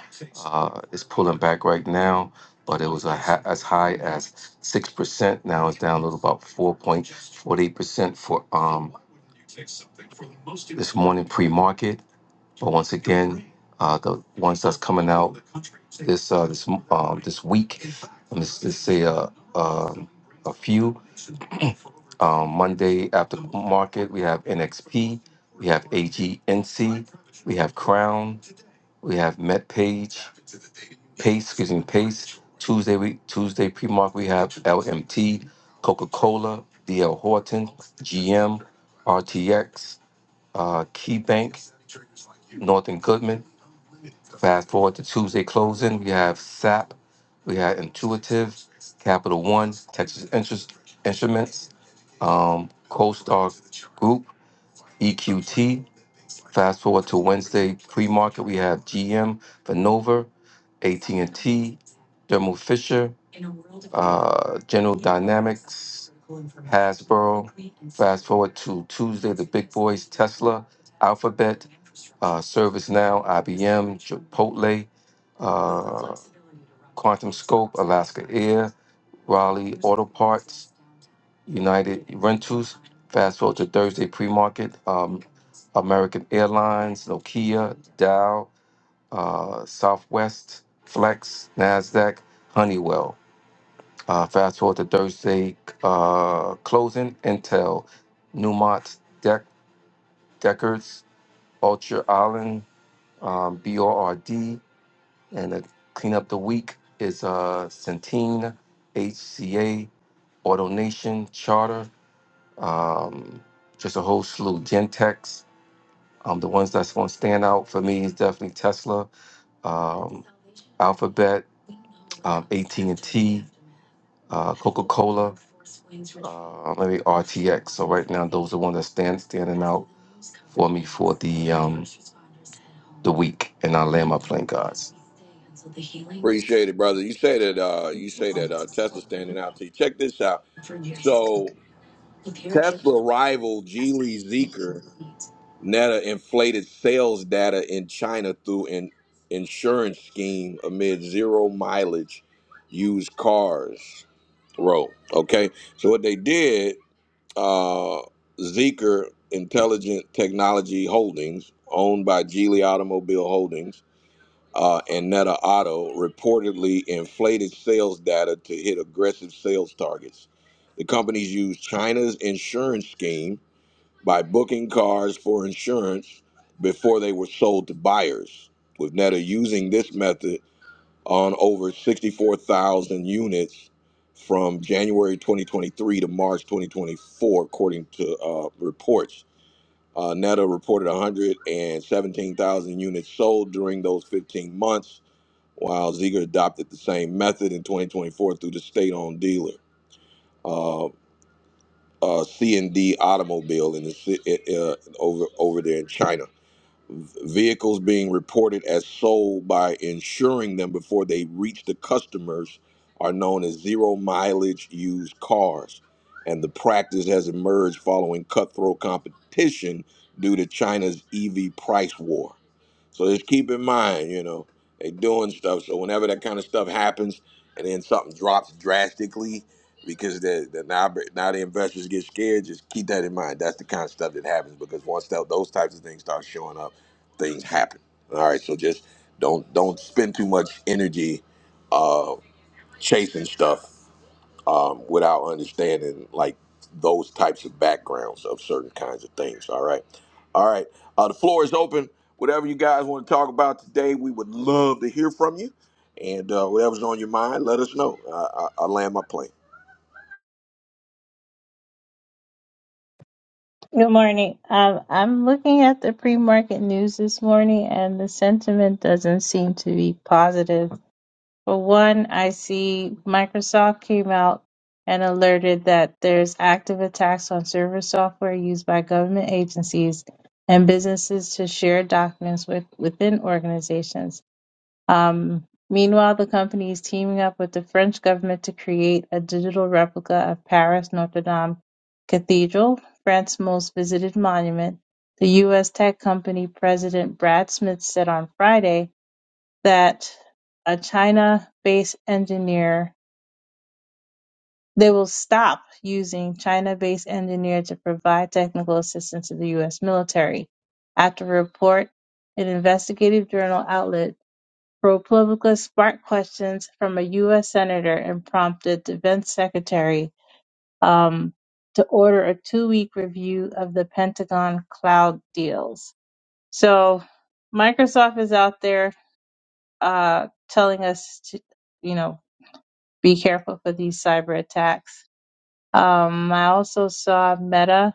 E: Uh, it's pulling back right now, but it was a ha- as high as six percent. Now it's down a little about four point forty percent for um this morning pre-market. But once again, uh, the ones that's coming out this uh, this um, this week. Let me s- just say uh, uh, a few. Um, Monday after market, we have NXP, we have AGNC, we have Crown, we have MetPage, Pace, excuse me, Pace. Tuesday we Tuesday pre-market we have LMT, Coca-Cola, DL Horton, GM, RTX, uh, KeyBank, Northern Goodman. Fast forward to Tuesday closing, we have SAP, we have Intuitive, Capital One, Texas Interest Instruments, um, CoStar Group, EQT. Fast forward to Wednesday pre-market, we have GM, Vernova, AT&T, Thermo Fisher, uh, General Dynamics, Hasbro. Fast forward to Tuesday, Servium, Chipotle, uh, Raleigh United Rentals. Fast forward to Thursday pre-market, um, American Airlines, Nokia, Dow, uh, Southwest, Flex, Nasdaq, Honeywell. Uh, fast forward to Thursday, uh, closing Intel, Newmont, Dec- Deckers, Ultra Island, um, BORD, and the cleanup the week is uh, Centene, HCA, Auto Nation, Charter, um, just a whole slew. Gentex, um, the ones that's going to stand out for me is definitely Tesla. Uh, that stands stand week, and I land.
A: Appreciate it, brother. You say that uh, you say that uh, Tesla's standing out to you. Check this out. So Tesla rival Geely Zeekr Netta inflated sales data in China through an insurance scheme amid zero mileage used cars roll. Okay, so what they did, uh, Zeekr Intelligent Technology Holdings, owned by Geely Automobile Holdings uh, and Neta Auto, reportedly inflated sales data to hit aggressive sales targets. The companies used China's insurance scheme by booking cars for insurance before they were sold to buyers, with Netta using this method on over 64,000 units from January 2023 to March 2024, according to uh, reports. Uh, Netta reported 117,000 units sold during those 15 months, while Ziegler adopted the same method in 2024 through the state-owned dealer. Uh, uh, C and D automobile in the ci- uh, uh, over over there in China. vehicles being reported as sold by insuring them before they reach the customers are known as zero mileage used cars. And the practice has emerged following cutthroat competition due to China's EV price war. So just keep in mind, you know, they doing stuff. So whenever that kind of stuff happens and then something drops drastically because the, the now, now the investors get scared, just keep that in mind. That's the kind of stuff that happens because once that, those types of things start showing up, things happen. All right, so just don't don't spend too much energy uh, chasing stuff um, without understanding like those types of backgrounds of certain kinds of things. All right, all right. Uh, the floor is open. Whatever you guys want to talk about today, we would love to hear from you. And uh, whatever's on your mind, let us know. I, I, I land my plane.
H: Good morning. Um, I'm looking at the pre-market news this morning, and the sentiment doesn't seem to be positive. For one, I see Microsoft came out and alerted that there's active attacks on server software used by government agencies and businesses to share documents with, within organizations. Um, meanwhile, the company is teaming up with the French government to create a digital replica of Paris Notre Dame Cathedral, France's most visited monument. The U.S. tech company president Brad Smith said on Friday that a China-based engineer they will stop using China-based engineer to provide technical assistance to the U.S. military. After a report, an investigative journal outlet ProPublica sparked questions from a U.S. senator and prompted Defense Secretary um, to order a two-week review of the Pentagon cloud deals. So Microsoft is out there uh, telling us to, you know, be careful for these cyber attacks. Um, I also saw Meta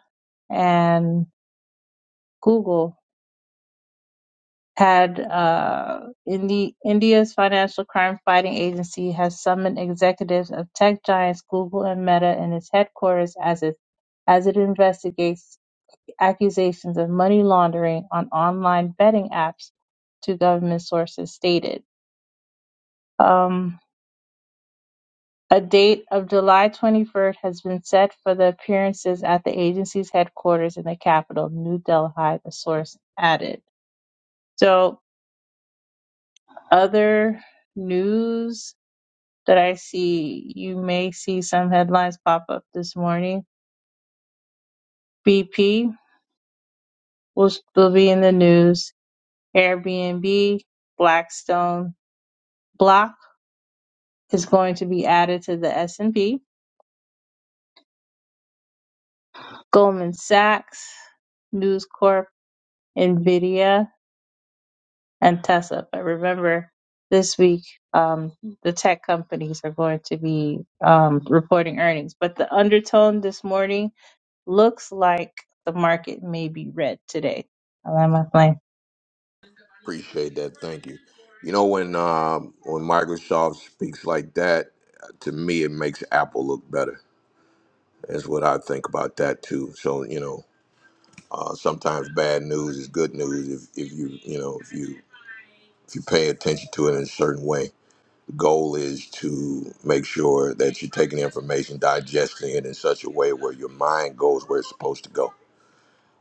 H: and Google had uh, in the India's Financial Crime Fighting Agency has summoned executives of tech giants Google and Meta in its headquarters as it as it investigates accusations of money laundering on online betting apps, two government sources stated. Um, a date of July 23rd has been set for the appearances at the agency's headquarters in the capital, New Delhi, the source added. So, other news that I see you may see some headlines pop up this morning. BP will, will be in the news. Airbnb, Blackstone, Block is going to be added to the S&P. Goldman Sachs, News Corp, Nvidia, and Tesla. But remember, this week um, the tech companies are going to be um, reporting earnings. But the undertone this morning Looks like the market may be red today. I like my plan.
A: Appreciate that. Thank you. You know when um, when Microsoft speaks like that, to me it makes Apple look better is what I think about that too. So you know, uh, sometimes bad news is good news if, if you you know if you if you pay attention to it in a certain way. The goal is to make sure that you're taking the information, digesting it in such a way where your mind goes where it's supposed to go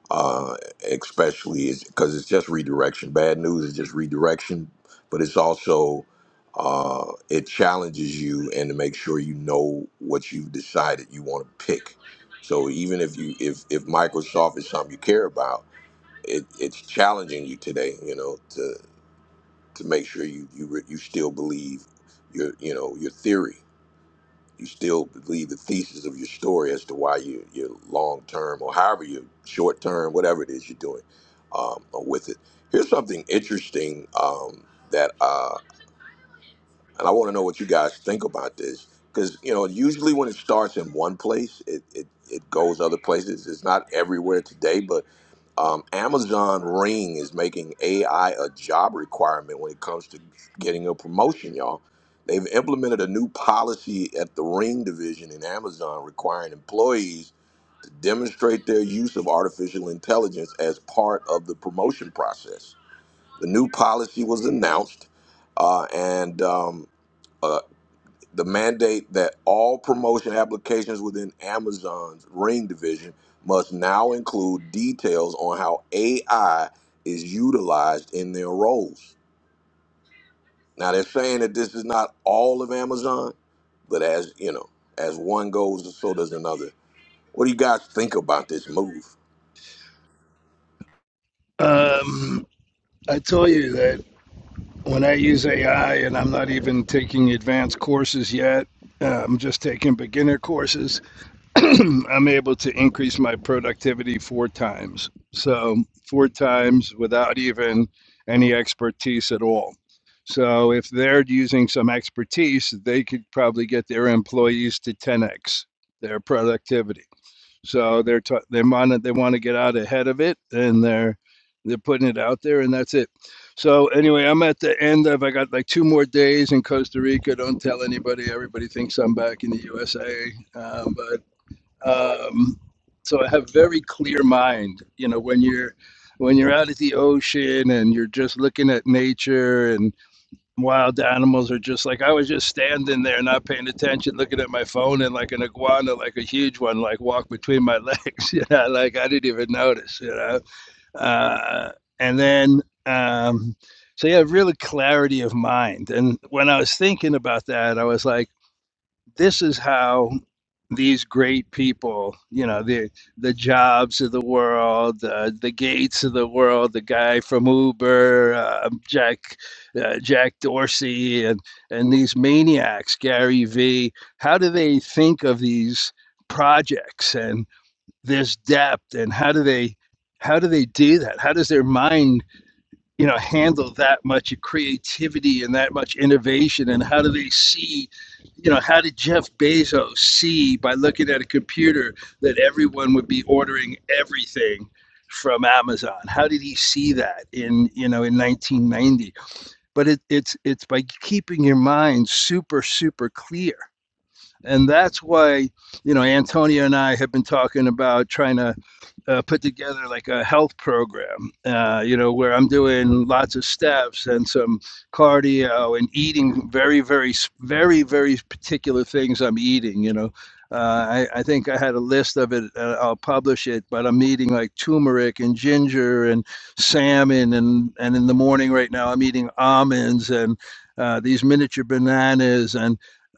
A: uh, especially because it's just redirection. Bad news is just redirection, but it's also uh, it challenges you and to make sure you know what you've decided you want to pick. So even if you if if Microsoft is something you care about, it, it's challenging you today. You know to to make sure you you re- you still believe your you know your theory you still believe the thesis of your story as to why you, you're long term or however you're short term, whatever it is you're doing um, with it. Here's something interesting um, that uh, and I want to know what you guys think about this because you know usually when it starts in one place, it it, it goes other places. It's not everywhere today, but um, Amazon Ring is making AI a job requirement when it comes to getting a promotion, y'all. They've implemented a new policy at the Ring division in Amazon requiring employees to demonstrate their use of artificial intelligence as part of the promotion process. The new policy was announced, uh, and um, uh, the mandate that all promotion applications within Amazon's Ring division must now include details on how AI is utilized in their roles. Now they're saying that this is not all of Amazon, but as you know, as one goes, so does another. What do you guys think about this move?
I: Um, I tell you that when I use AI, and I'm not even taking advanced courses yet, uh, I'm just taking beginner courses, I'm able to increase my productivity four times. So, four times without even any expertise at all. So, if they're using some expertise, they could probably get their employees to 10x their productivity. So they're t- they want they want to get out ahead of it, and they're they're putting it out there, and that's it. So anyway, I'm at the end of I got like two more days in Costa Rica. Don't tell anybody. Everybody thinks I'm back in the USA, uh, but um, so I have very clear mind. You know, when you're when you're out at the ocean and you're just looking at nature and wild animals are just like I was just standing there, not paying attention, looking at my phone, and like an iguana, like a huge one, like walked between my legs. You know, like I didn't even notice. You know, uh, and then um, so yeah, really clarity of mind. And when I was thinking about that, I was like, this is how these great people, you know, the the jobs of the world, uh, the Gates of the world, the guy from Uber, uh, Jack uh, Jack Dorsey, and and these maniacs, Gary V. How do they think of these projects and this depth, and how do they how do they do that? How does their mind you know handle that much creativity and that much innovation and how do they see you know how did jeff bezos see by looking at a computer that everyone would be ordering everything from amazon how did he see that in you know in 1990 but it, it's it's by keeping your mind super super clear and that's why, you know, Antonia and I have been talking about trying to uh, put together like a health program, uh, you know, where I'm doing lots of steps and some cardio and eating very, very, very, very particular things I'm eating, you know. Uh, I, I think I had a list of it. Uh, I'll publish it, but I'm eating like turmeric and ginger and salmon, and and in the morning right now I'm eating almonds and uh, these miniature bananas and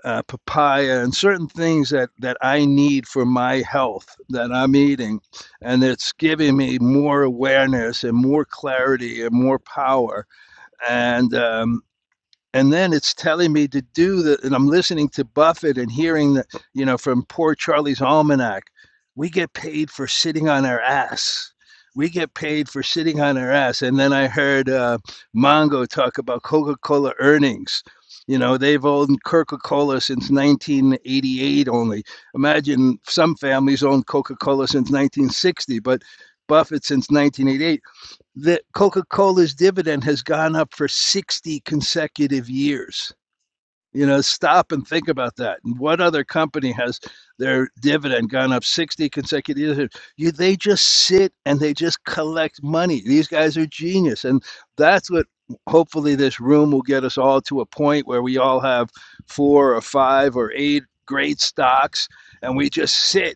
I: uh, papaya and certain things that that I need for my health that I'm eating, and it's giving me more awareness and more clarity and more power. And um, and then it's telling me to do that, and i'm listening to buffett and hearing that you know from poor charlie's almanac we get paid for sitting on our ass we get paid for sitting on our ass and then i heard uh, mongo talk about coca-cola earnings you know they've owned coca-cola since 1988 only imagine some families owned coca-cola since 1960 but buffett since 1988 that Coca-Cola's dividend has gone up for 60 consecutive years. You know, stop and think about that. And what other company has their dividend gone up 60 consecutive years? You, they just sit and they just collect money. These guys are genius. And that's what hopefully this room will get us all to a point where we all have four or five or eight great stocks and we just sit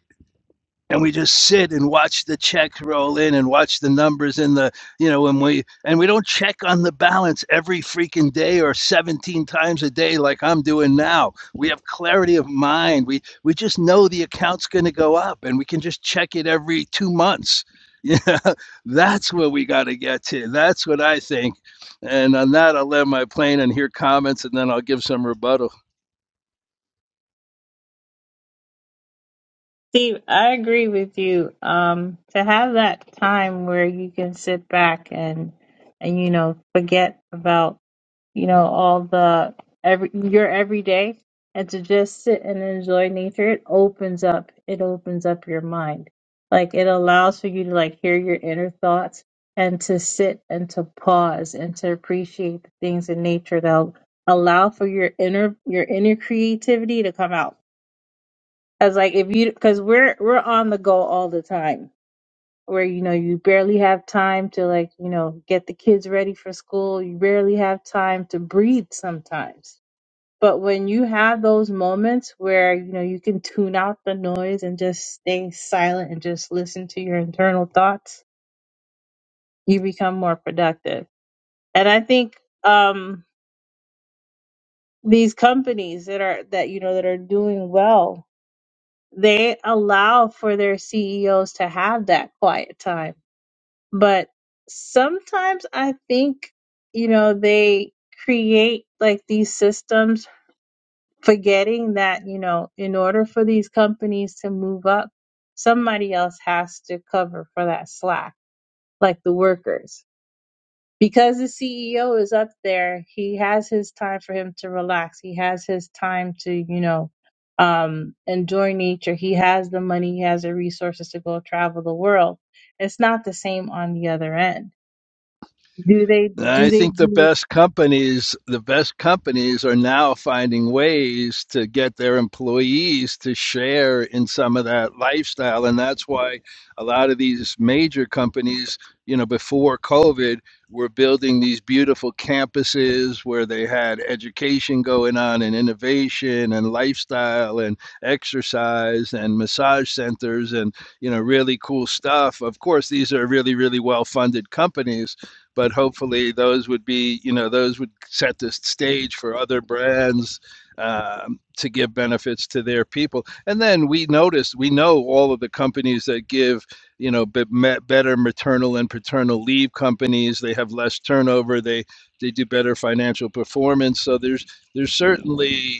I: and we just sit and watch the checks roll in and watch the numbers in the you know and we and we don't check on the balance every freaking day or 17 times a day like i'm doing now we have clarity of mind we we just know the account's going to go up and we can just check it every two months yeah that's where we got to get to that's what i think and on that i'll land my plane and hear comments and then i'll give some rebuttal
H: Steve, I agree with you. Um, to have that time where you can sit back and and you know forget about you know, all the every your everyday and to just sit and enjoy nature, it opens up it opens up your mind. Like it allows for you to like hear your inner thoughts and to sit and to pause and to appreciate the things in nature that allow for your inner your inner creativity to come out. As like if you because we're we're on the go all the time where you know you barely have time to like you know get the kids ready for school you barely have time to breathe sometimes but when you have those moments where you know you can tune out the noise and just stay silent and just listen to your internal thoughts you become more productive and i think um these companies that are that you know that are doing well they allow for their CEOs to have that quiet time but sometimes I think, you know, they create like these systems, forgetting that, you know, in order for these companies to move up, somebody else has to cover for that slack, like the workers. Because the CEO is up there, he has his time for him to relax. He has his time to, you know, um, enjoy nature. He has the money, he has the resources to go travel the world. It's not the same on the other end do they do
I: I
H: they
I: think the
H: do
I: best companies, the best companies are now finding ways to get their employees to share in some of that lifestyle. And that's why a lot of these major companies, you know, before COVID were building these beautiful campuses where they had education going on and innovation and lifestyle and exercise and massage centers and, you know, really cool stuff. Of course, these are really, really well funded companies but hopefully those would be you know those would set the stage for other brands um, to give benefits to their people and then we noticed we know all of the companies that give you know be- me- better maternal and paternal leave companies they have less turnover they they do better financial performance so there's there's certainly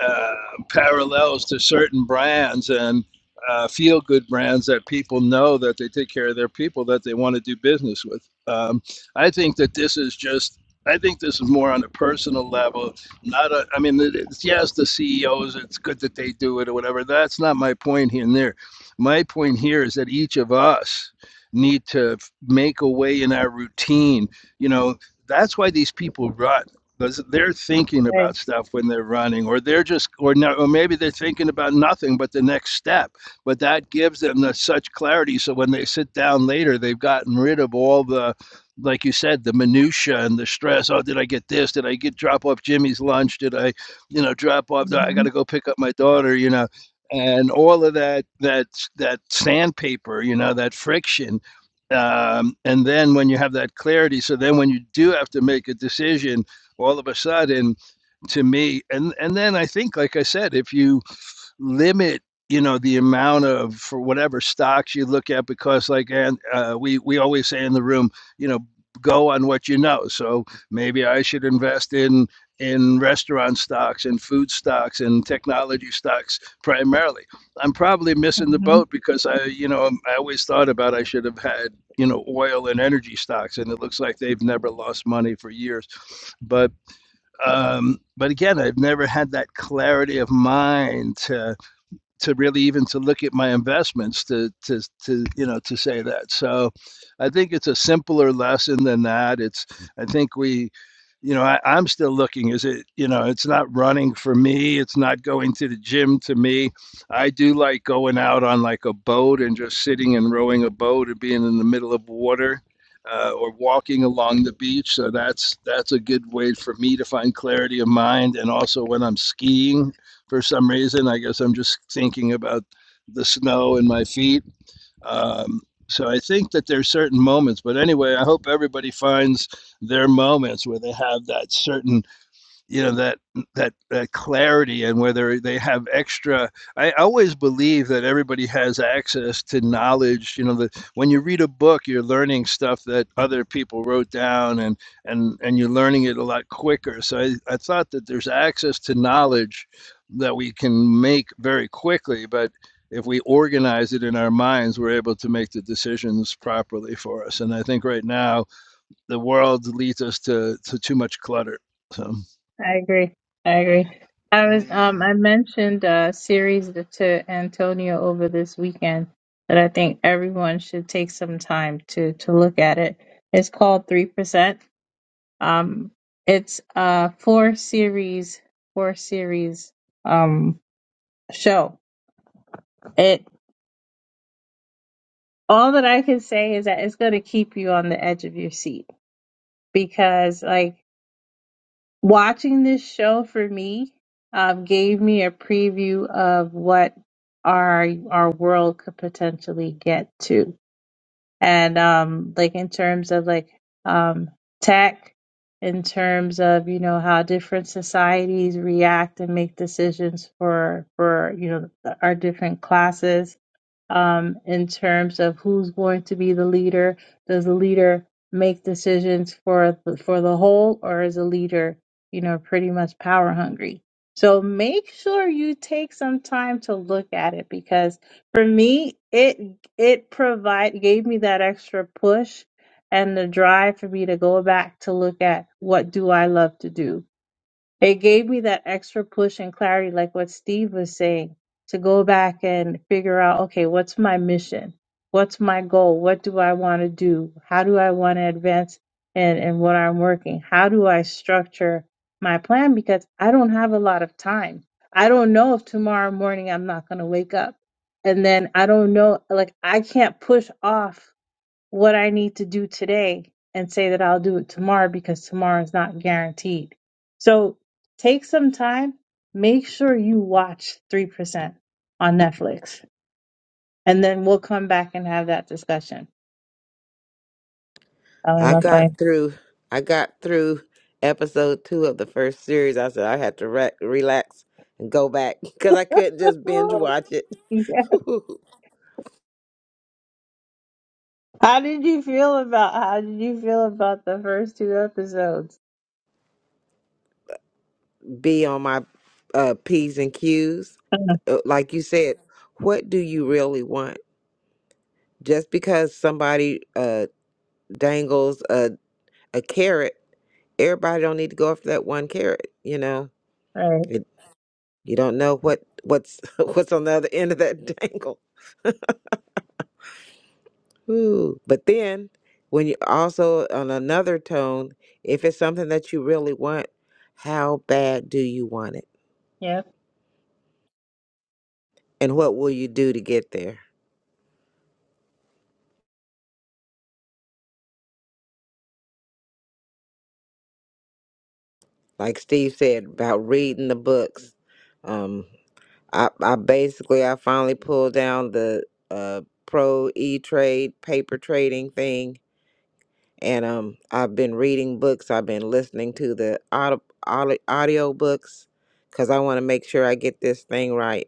I: uh, parallels to certain brands and uh, feel good brands that people know that they take care of their people that they want to do business with. Um, I think that this is just. I think this is more on a personal level. Not a. I mean, it's, yes, the CEOs. It's good that they do it or whatever. That's not my point here and there. My point here is that each of us need to make a way in our routine. You know, that's why these people run because they're thinking
H: okay.
I: about stuff when they're running or they're just or no or maybe they're thinking about nothing but the next step but that gives them the, such clarity so when they sit down later they've gotten rid of all the like you said the minutia and the stress oh did i get this did i get drop off jimmy's lunch did i you know drop off the, i got
H: hmm
I: to go pick up my daughter you know and all of that that that sandpaper you know that friction um, and then when you have that clarity so then when you do have to make a decision all of a sudden to me and and then i think like i said if you limit you know the amount of for whatever stocks you look at because like and uh, we we always say in the room you know go on what you know so maybe i should invest in in restaurant stocks and food stocks and technology stocks primarily i'm probably missing the
H: hmm
I: boat because i you know um, i always thought about i should have had you know oil and energy stocks and it looks like they've never lost money for years but um, but again, I've never had that clarity of mind to to really even to look at my investments to to to you know to say that. So I think it's a simpler lesson than that. It's I think we you know I, I'm still looking. Is it you know it's not running for me. It's not going to the gym to me. I do like going out on like a boat and just sitting and rowing a boat and being in the middle of water. Uh, or walking along the beach, so that's that's a good way for me to find clarity of mind, and also when I'm skiing, for some reason. I guess I'm just thinking about the snow in my feet. Um, so I think that there's certain moments, but anyway, I hope everybody finds their moments where they have that certain you know that that that clarity and whether they have extra i always believe that everybody has access to knowledge you know that when you read a book you're learning stuff that other people wrote down and and and you're learning it a lot quicker so i, I thought that there's access to knowledge that we can make very quickly but if we organize it in our minds we're able to make the decisions properly for us and i think right now the world leads us to to too much clutter so
H: I agree. I agree. I was um
J: Man,
H: I mentioned a series to to Antonio over this weekend that I think everyone should take some time to to look at it. It's called Three Percent. Um it's a four series four series um show. It all that I can say is that it's gonna keep you on the edge of your seat because like watching this show for me um, gave me a preview of what our our world could potentially get to, and um, like in terms of like um, tech, in terms of you know how different societies react and make decisions for for you know our different classes um, in terms of who's going to be the leader. Does the leader make decisions for the, for the whole, or is the leader, you know, pretty much power hungry? So make sure you take some time to look at it because for me, it it provide gave me that extra push and the drive for me to go back to look at what do I love to do it gave me that extra push and clarity, like what Steve was saying, to go back and figure out, okay, what's my mission? What's my goal? What do I want to do? How do I want to advance and and what I'm working? How do I structure my plan? Because I don't have a lot of time. I don't know if tomorrow morning I'm not going to wake up. And then I don't know, like I can't push off what I need to do today and say that I'll do it tomorrow because tomorrow is not guaranteed. So take some time, make sure you watch 3% on Netflix, and then we'll come back and have that discussion. How am
D: I
H: I playing?
D: got through. I got through episode two of the first series. I said I had to re- relax and go back because I couldn't just binge watch it.
H: How did you feel about how did you feel about the first two episodes?
D: be on my uh, P's and Q's. Uh, Like you said, what do you really want? Just because somebody uh, dangles a, a carrot, everybody don't need to go after that one carrot. You know,
H: Right.
D: it, you don't know what what's what's on the other end of that dangle. Ooh. But then, when you also on another tone, if it's something that you really want, how bad do you want it,
H: Yep.
D: and what will you do to get there? like Steve said about reading the books. Um, I, I basically I finally pulled down the uh, pro e trade paper trading thing, and um, I've been reading books. I've been listening to the audio audio books because I want to make sure I get this thing right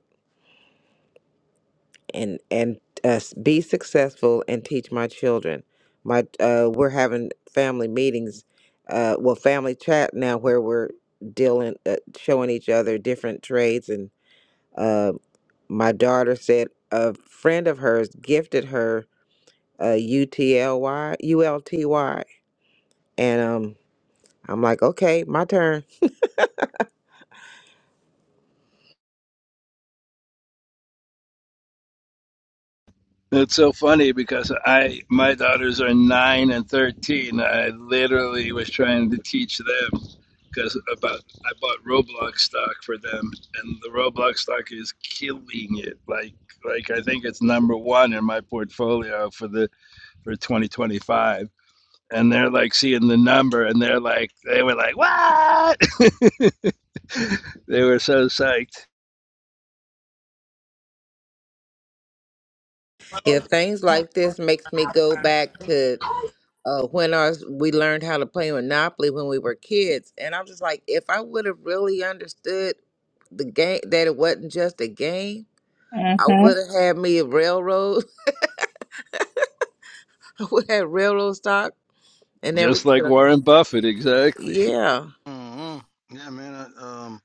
D: and and uh, s- be successful and teach my children. My uh, we're having family meetings, uh, well, family chat now where we're dealing, uh, showing each other different trades. And uh, my daughter said a friend of hers gifted her a U T L Y U L T Y, and um, I'm like, okay, my turn.
I: It's so funny because I my daughters are nine and thirteen. I literally was trying to teach them because about I bought Roblox stock for them, and the Roblox stock is killing it. Like like I think it's number one in my portfolio for the for twenty twenty five. And they're like seeing the number, and they're like they were like what? they were so psyched,
D: Yeah, things like this makes me go back to uh, when our we learned how to play Monopoly when we were kids, and I'm just like, if I would have really understood the game that it wasn't just a game, I would have had me a railroad. I would have had railroad stock and
I: just
D: everything. you
I: like
D: know.
I: Warren Buffett, exactly.
D: Yeah,
J: mm yeah, man. I, um,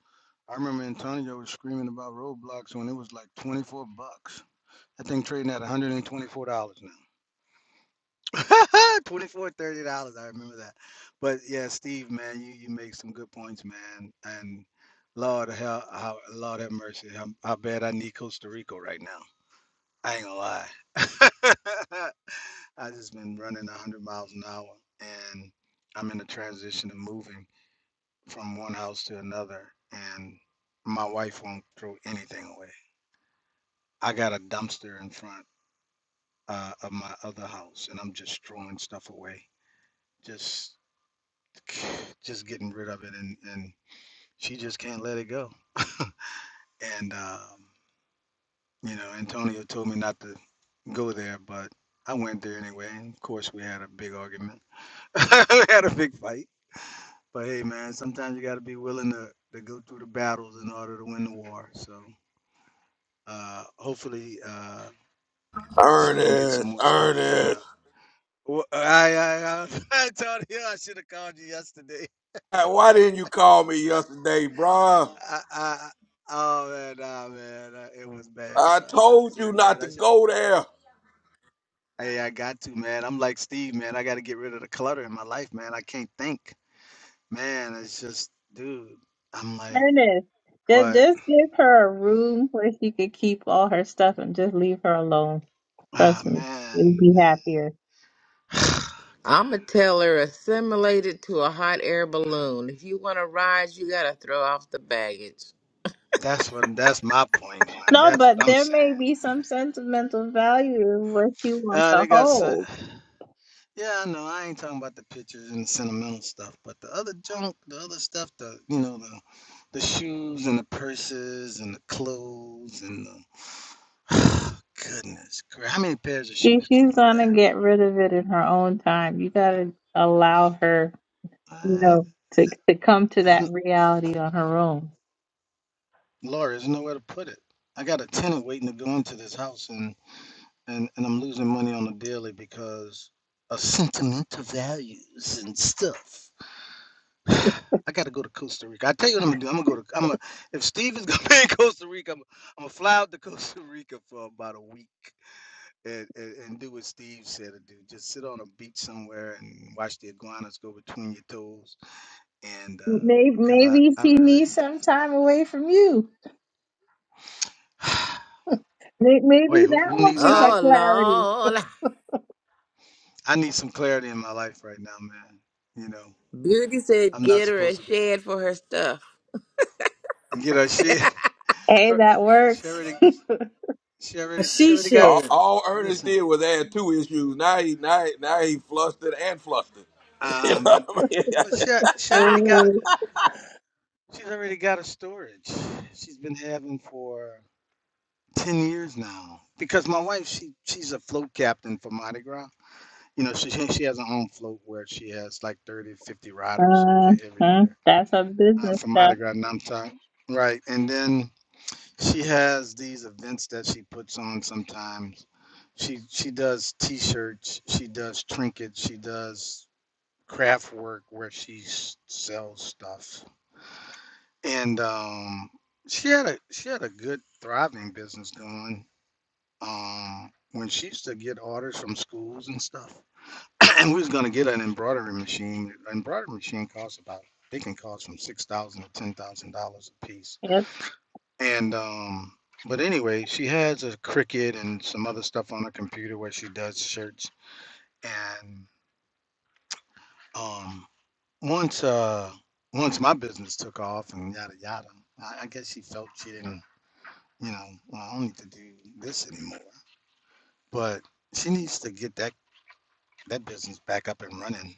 J: I remember Antonio was screaming about Roblox when it was like twenty four bucks. That thing trading at one hundred and twenty four dollars now. twenty four thirty dollars. I remember that. But yeah, Steve, man, you you make some good points, man. And Lord, how how Lord have mercy, how, how bad I need Costa Rica right now. I ain't gonna lie. I just been running a hundred miles an hour, and I'm in a transition of moving. from one house to another, and my wife won't throw anything away. I got a dumpster in front uh, of my other house, and I'm just throwing stuff away, just just getting rid of it, and and she just can't let it go. And um, you know, Antonio told me not to go there, but I went there anyway. And of course, we had a big argument. we had a big fight. But hey, man, sometimes you got to be willing to, to go through the battles in order to win the war. So uh, hopefully, uh, she can get some
A: Ernest,
J: more stuff thrown
A: Ernest,
J: out. Well, I, I, I, I told you I should have called you yesterday.
A: why didn't you call me yesterday, bruh?
J: I, I, oh man, nah, man, uh, it was bad,
A: I
J: bro. I
A: told
J: said,
A: you not
J: man,
A: to
J: I should.
A: go there.
J: Hey, I got to, man. I'm like Steve, man. I got to get rid of the clutter in my life, man. I can't think, man. It's just, dude. I'm like,
H: Ernest, just
J: what?
H: just give her a room where she could keep all her stuff and just leave her alone.
J: Ah,
H: Trust me, you'll
J: man,
H: be happier.
J: man.
D: I'm a teller assimilated to a hot air balloon. If you want to rise, you gotta throw off the baggage.
J: that's what. That's my point one.
H: No,
J: That's what
H: but
J: I'm
H: there
J: saying.
H: may be some sentimental value in what she wants
J: Uh,
H: to
J: they got. Some,
H: hold.
J: Yeah, I know. I ain't talking about the pictures and the sentimental stuff, but the other junk, the other stuff, the you know, the the shoes and the purses and the clothes and the goodness, gra- how many pairs of
H: She
J: shoes can
H: she's
J: you wear?
H: gonna get rid of it in her own time. You gotta allow her, you
J: I,
H: know, to to come to
J: there's
H: that
J: n-
H: reality on her own.
J: Laura, there's nowhere to put it. I got a tenant waiting to go into this house, and and and I'm losing money on the daily because of sentimental values and stuff. I gotta go to Costa Rica. I tell you what I'm gonna do. I'm gonna go to. I'm gonna. If Steve is gonna be in Costa Rica, I'm, I'm gonna fly out to Costa Rica for about a week and, and and do what Steve said to do. Just sit on a beach somewhere and watch the iguanas go between your toes. And
H: Maybe
J: uh, cause I
H: maybe
J: I
H: she
J: really.
H: needs some time away from you. May- Maybe
J: Wait, who
H: that
J: who
H: one
J: needs
H: gives her
J: time?
D: Oh
H: clarity.
D: Lord,
J: I need some clarity in my life right now, man. You know,
D: Beauty said,
J: I'm not
D: get her a
J: supposed to be.
D: shed for her stuff.
J: You know, she
H: Hey, that
J: she
H: works.
J: already she already she
B: She
J: already got.
A: All,
B: said.
A: all Ernest
J: Listen.
A: did was add two issues. Now he now, he- now he flustered and flustered. You know
J: Um, but
A: what I mean?
J: but she she already got a
H: Uh-huh.
J: she's already got a storage. She's been having for ten years now. Because my wife she she's a float captain for Mardi Gras. You know she she has her own float where she has like 30, 50 riders. Okay, every year
H: That's our
J: uh,
H: business
J: for Mardi
H: stuff.
J: Gras Namsak. Right, and then she has these events that she puts on sometimes. She she does T-shirts, she does trinkets, she does craft work where she s- sells stuff and um, she had a she had a good thriving business going um, when she used to get orders from schools and stuff. and we was gonna get an embroidery machine. An embroidery machine costs about they can cost from six thousand to ten thousand dollars a piece.
H: Yep.
J: And um, but anyway, she has a Cricut and some other stuff on her computer where she does shirts. And um, once uh, once my business took off and yada yada, I, I guess she felt she didn't you know, well, I don't need to do this anymore. But she needs to get that that business back up and running,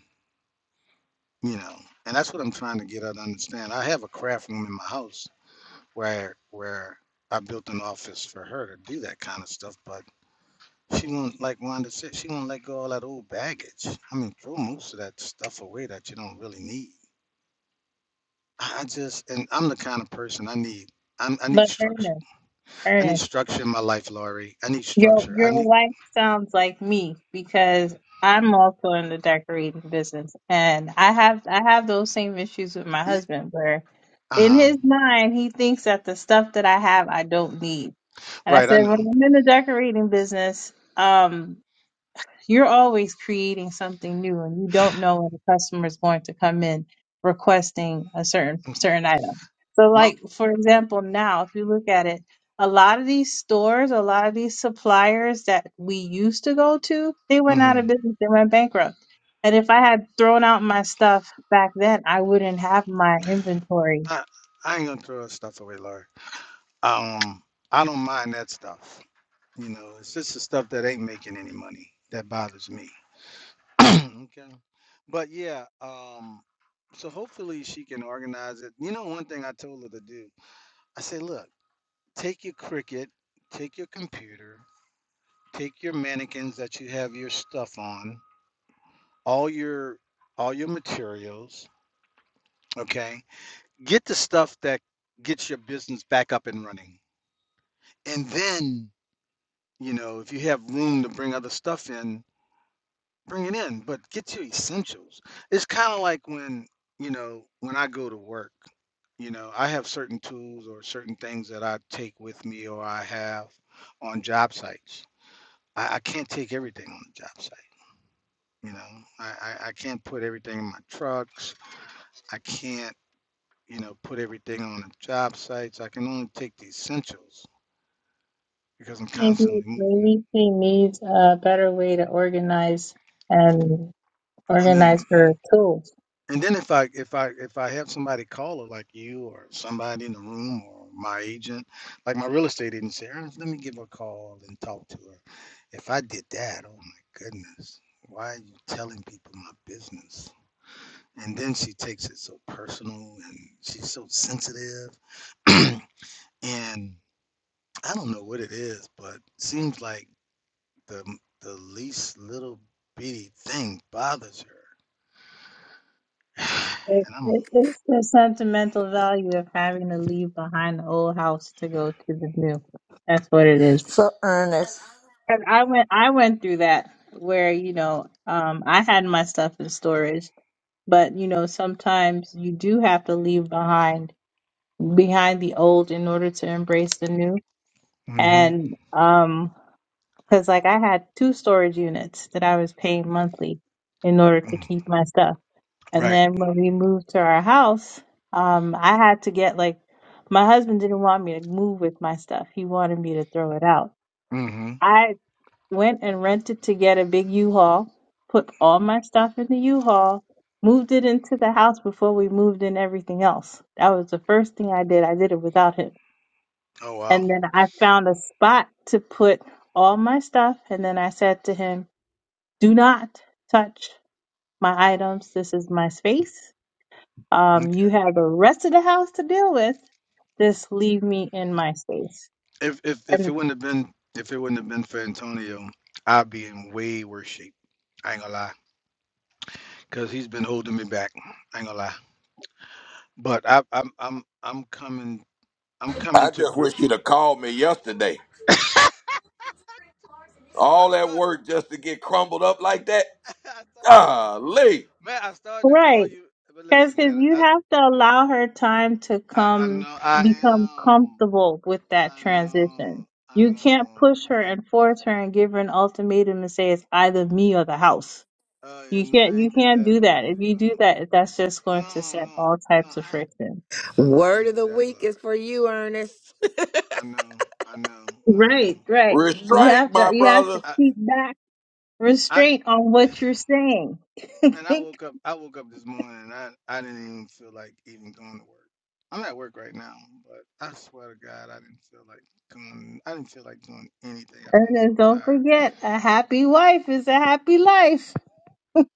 J: you know. And that's what I'm trying to get her to understand. I have a craft room in my house where where I built an office for her to do that kind of stuff, but she won't like Wanda said, she won't let go of all that old baggage. I mean, throw most of that stuff away that you don't really need. I just and I'm the kind of person I need I'm, I need
H: But
J: structure.
H: Ernest,
J: I need
H: Ernest,
J: structure in my life, Laurie. I need
H: your
J: structure. I
H: your
J: need,
H: wife sounds like me because I'm also in the decorating business, and I have I have those same issues with my husband where,
J: uh
H: in
J: huh.
H: his mind, he thinks that the stuff that I have I don't need. And I
J: Right, I
H: said, when
J: know.
H: I'm in the decorating business, um, You're always creating something new, and you don't know when the customer is going to come in requesting a certain
J: Mhm.
H: certain item. So,
J: Mo-
H: like for example, now if you look at it, a lot of these stores, a lot of these suppliers that we used to go to, they went out of
J: mhm.
H: business, they went bankrupt. And if I had thrown out my stuff back then, I wouldn't have my inventory.
J: I, I ain't gonna throw that stuff away, Larry. Um, I don't mind that stuff. You know, it's just the stuff that ain't making any money that bothers me. okay. But yeah, um, so hopefully she can organize it. You know, one thing I told her to do, I said, look, take your cricket, take your computer, take your mannequins that you have your stuff on, all your all your materials, okay? get the stuff that gets your business back up and running. And then, you know, if you have room to bring other stuff in, bring it in, but get your essentials. It's kind of like when, you know, when I go to work, you know, I have certain tools or certain things that I take with me or I have on job sites. I, I can't take everything on the job site. You know, I, I, I can't put everything in my trucks. I can't, you know, put everything on the job sites. I can only take the essentials because I'm
H: Maybe
J: constantly moving.
H: maybe she needs a better way to organize and
J: I mean,
H: organize her tools
J: and then if I if I if I have somebody call caller like you or somebody in the room or my agent, like my real estate agent, say, "Ernest, let me give her a call and talk to her. If I did that, oh my goodness, why are you telling people my business? And then she takes it so personal and she's so sensitive, and I don't know what it is, but it seems like the the least little bitty thing bothers her
H: It,
J: And I'm
H: it, it's the sentimental value of having to leave behind the old house to go to the new. That's what it is.
C: So, Ernest.
H: And I went, I went through that where you know, um, I had my stuff in storage, but you know, sometimes you do have to leave behind behind the old in order to embrace the new.
J: mhm,
H: And um, because like I had two storage units that I was paying monthly in order to
J: mm,
H: keep my stuff. And
J: right.
H: then when we moved to our house, um, I had to get like my husband didn't want me to move with my stuff. He wanted me to throw it out.
J: Mhm.
H: I went and rented to get a big U-Haul, put all my stuff in the U-Haul, moved it into the house before we moved in everything else. That was the first thing I did. I did it without him.
J: Oh wow.
H: And then I found a spot to put all my stuff. And then I said to him, Do not touch my items. This is my space Um,
J: Okay.
H: you have the rest of the house to deal with. Just leave me in my space.
J: If if if it
H: And
J: wouldn't have been if it wouldn't have been for Antonio, I'd be in way worse shape. I ain't gonna lie, cause he's been holding me back. I ain't gonna lie, but I, I'm I'm I'm coming I'm coming
A: I
J: to
A: just
J: grip.
A: wish you'd have called me yesterday.
J: I
A: All that
J: start
A: work just to get crumbled up like that.
J: I started to call,
A: Golly.
J: man. I started to call
H: right,
J: you, but listen,
H: because
J: man.
H: you
J: I
H: have to allow her time to
J: I, I
H: come
J: know I
H: become
J: am.
H: comfortable with that
J: I know
H: transition.
J: I
H: You can't
J: know.
H: push
J: It's
H: her
J: been,
H: and force her and give her an ultimatum and say it's either me or the house.
J: oh yeah,
H: You
J: no,
H: can't
J: I
H: you
J: ain't did
H: can't
J: that
H: do that. If you do
J: ultimatum.
H: that, that's just going to
J: No,
H: set
J: no,
H: all
J: no.
H: types of
J: I,
H: friction.
J: I, know, I
D: Word
J: ain't
D: of
J: do
D: the
J: that,
D: week is
J: Lord.
D: for you, Ernest.
J: I know, I know, I know.
H: Right, right. You
A: Restraint,
H: have to
A: my
H: you have to
A: brother.
J: I,
H: keep back
J: I,
H: restraint on what you're saying. and
J: man, I woke up. I woke up this morning. And I, I didn't even feel like even going to work. I'm at work right now, but I swear to God, I didn't feel like going. I didn't feel like doing anything. I've been so
H: then don't
J: tired.
H: forget, a happy wife is a happy life.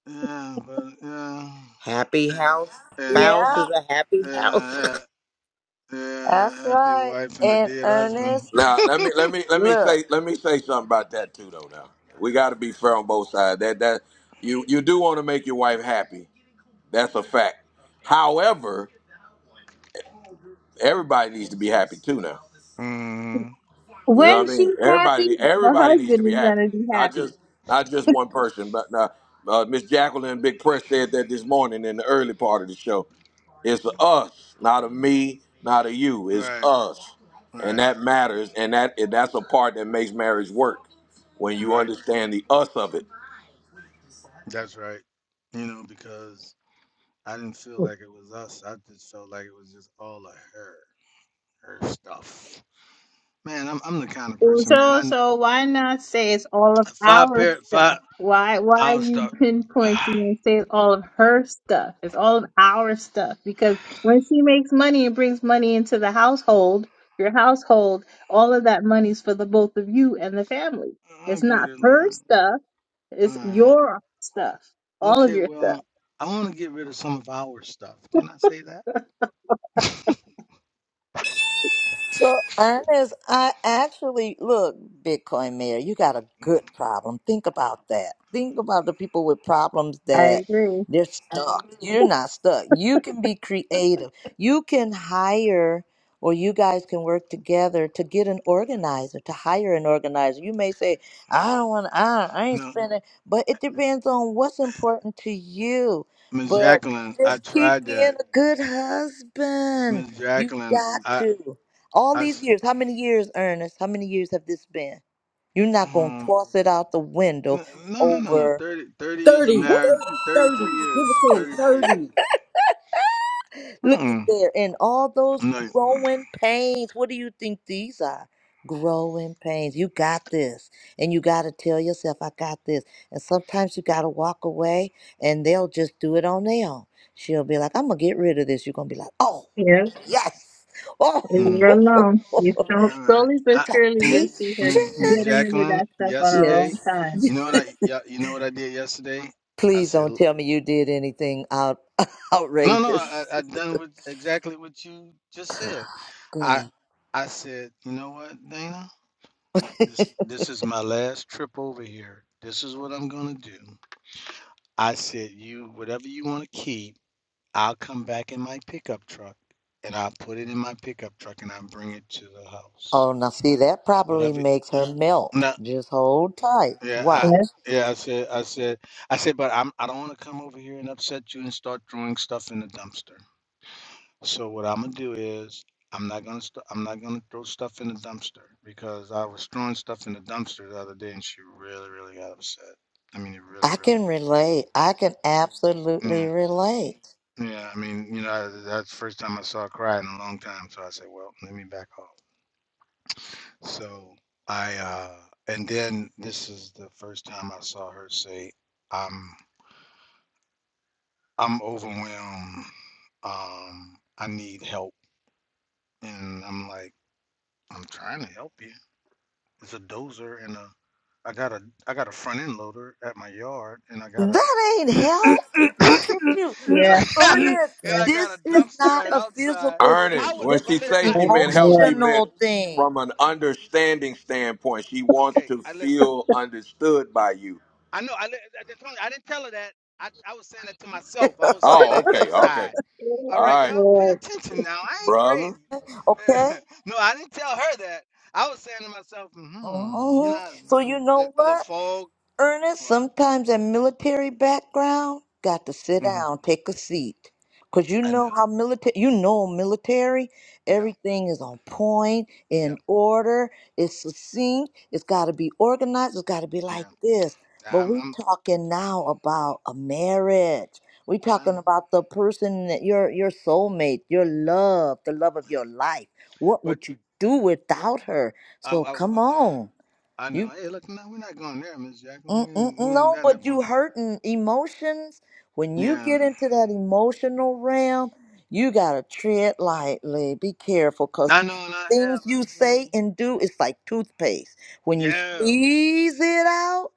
J: Yeah, but yeah,
D: Happy house.
J: and
D: Spouse
C: Yeah,
D: is a happy house.
J: yeah, yeah,
C: that's
J: yeah happy
C: right.
J: wife and a
C: And
J: dead husband.
C: Ernest,
A: Now let me let me let me
C: look.
A: say let me say something about that too though now. We gotta be fair on both sides. That that you you do want to make your wife happy. That's a fact. However, everybody needs to be happy too now.
J: mm
A: You know
H: When
A: what I mean?
H: she's happy,
A: Everybody,
H: the
A: everybody needs to
H: husband
A: be
H: is
A: happy,
H: gonna be
A: not
H: happy.
A: just not just one person. But uh, uh, Miss Jacqueline Big Press said that this morning in the early part of the show. It's a us, not a me, not a you. It's
J: Right,
A: us, and
J: right,
A: that matters, and that and that's a part that makes marriage work when you
J: right.
A: understand the us of it.
J: That's right. You know, because I didn't feel like it was us. I just felt like it was just all of her, her stuff. Man, I'm I'm the kind of person, man. I
H: So
J: n-
H: so why not say it's all of
J: five
H: our
J: pair, five.
H: stuff? Why why are
J: I'll
H: you
J: start.
H: pinpointing and say it's all of her stuff? It's all of our stuff because when she makes money and brings money into the household, your household, all of that money's for the both of you and the family.
J: I'll
H: It's
J: get
H: not
J: it,
H: her
J: Lauren.
H: stuff,
J: All
H: it's
J: right.
H: your stuff. All of
J: Okay.
H: your
J: Well,
H: stuff.
J: I want to get rid of some of our stuff. Can I say that?
C: So, Ernest, I actually look, Bitcoin Mayor, you got a good problem. Think about that. Think about the people with problems
H: I
C: that
H: agree.
C: they're stuck. You're not stuck. You can be creative. You can hire, or you guys can work together to get an organizer, to hire an organizer. You may say, I don't want, I, I ain't
J: No,
C: spending, but it depends on what's important to you.
J: Miss
C: But
J: Jacqueline. I
C: just keep
J: tried
C: being
J: that,
C: a good husband.
J: Miss
C: You
J: Jacqueline.
C: got
J: I
C: to. All
J: I
C: these
J: s-
C: years, how many years, Ernest? How many years have this been? You're not going to
J: um.
C: toss it out the window
J: n- No, no, no, no.
C: over.
J: 30 30 years of
B: 30,
J: marriage,
B: 30, 30.
J: 33
B: Give it
J: years,
B: to him.
J: 33 years.
B: 30.
C: Look at
J: Mm-mm.
C: there. And all those
J: No.
C: growing pains. What do you think these are? Growing pains. You got this. And you got to tell yourself, I got this. And sometimes you got to walk away and they'll just do it on their own. She'll be like, I'm going to get rid of this. You're going to be like, oh,
H: Yeah,
C: yes. Oh,
H: leave
J: Mm.
H: her alone. You so
J: All right.
H: slowly but
J: I,
C: some
H: surely
J: yeah,
H: you'll see her
J: Ms. Ms.
H: getting
C: patience.
H: rid of
J: Jacqueline,
H: that stuff on her
J: yesterday,
C: Yes.
H: own time.
J: you know what I yeah, you know what I did yesterday? I
C: Please
J: said,
C: don't
J: "L-
C: tell me you did anything out
J: no, no,
C: outrageous.
J: I, I I done with exactly what you just
C: Good,
J: said. I I said, you know what, Dana? This this is my last trip over here. This is what I'm gonna do. I said, you whatever you want to keep, I'll come back in my pickup truck and I'll put it in my pickup truck and I'll bring it to the house.
C: Oh, now see, that probably
J: Whatever.
C: makes her melt.
J: No.
C: Just hold tight.
J: Yeah, I,
C: Watch.
J: yeah, I said, I said, I said, but I'm, I don't want to come over here and upset you and start throwing stuff in the dumpster. So what I'm gonna do is, I'm not gonna, st- I'm not gonna throw stuff in the dumpster because I was throwing stuff in the dumpster the other day and she really, really got upset. I mean, it really,
C: I
J: really,
C: can relate. I can absolutely
J: yeah,
C: relate.
J: yeah. I mean, you know, I, that's the first time I saw her cry in a long time. So I said, well, let me back off. So I, uh, and then this is the first time I saw her say, "I'm." I'm overwhelmed. Um, I need help. And I'm like, I'm trying to help you. It's a dozer and a I got a I got a front end loader at my yard and I got a
C: That ain't help. Look at you,
J: and I
H: Yes,
J: got,
C: Ernest.
J: and
H: yes,
J: I got a
C: This is
J: dumpster
C: not
J: right
C: a
J: outside.
C: physical
J: I
C: thing.
A: Ernest,
J: would
A: when
C: This
J: but
C: is
A: she
J: li-
C: an
A: say
J: I
A: she
H: yes,
A: meant help, she
H: Lord.
A: meant
C: emotional thing.
A: from an understanding standpoint. She wants
J: okay,
A: to
J: I listen.
A: feel understood by you.
J: I know. I, li- I, I told you, I didn't tell her that. I, I was saying that to myself. I was saying
A: Oh,
J: that
A: okay, okay.
J: inside. All
A: All
H: Yes,
J: right,
A: right.
J: y'all, pay
H: Lord.
J: attention now. I ain't crazy.
A: brother.
C: Okay.
J: no, I didn't tell her that. I was saying to myself, hmm, you
C: hmm
J: know,
C: So
J: mm,
C: you
J: the,
C: know
J: the little
C: what?
J: fog.
C: Ernest,
J: What?
C: sometimes that military background got to sit
J: hmm
C: down, take a seat. Cause you
J: I
C: know how
J: know.
C: military you know military,
J: Yeah,
C: everything is on point,
J: yeah,
C: in order, it's succinct, it's gotta be organized, it's gotta be like
J: yeah.
C: this. But
J: I'm,
C: we
J: I'm,
C: talking now about a marriage. We talking
J: No.
C: about the person that your your soulmate, your love, the love of your life. What
J: but
C: would you do without her?
J: I,
C: So
J: I,
C: come on.
J: I know. Hey, look, no, we're not going there, Miss Jackson.
C: Mm,
J: We,
C: mm,
J: ain't-
C: mm,
J: we ain't
C: No,
J: got that
C: but
J: far.
C: you hurting emotions. When you
J: Yeah,
C: get into that emotional realm, you gotta tread lightly. Be careful, cause
J: I know, and I have.
C: things you
J: I,
C: say
J: mm,
C: and do is like toothpaste. When you
J: yeah.
C: squeeze it out,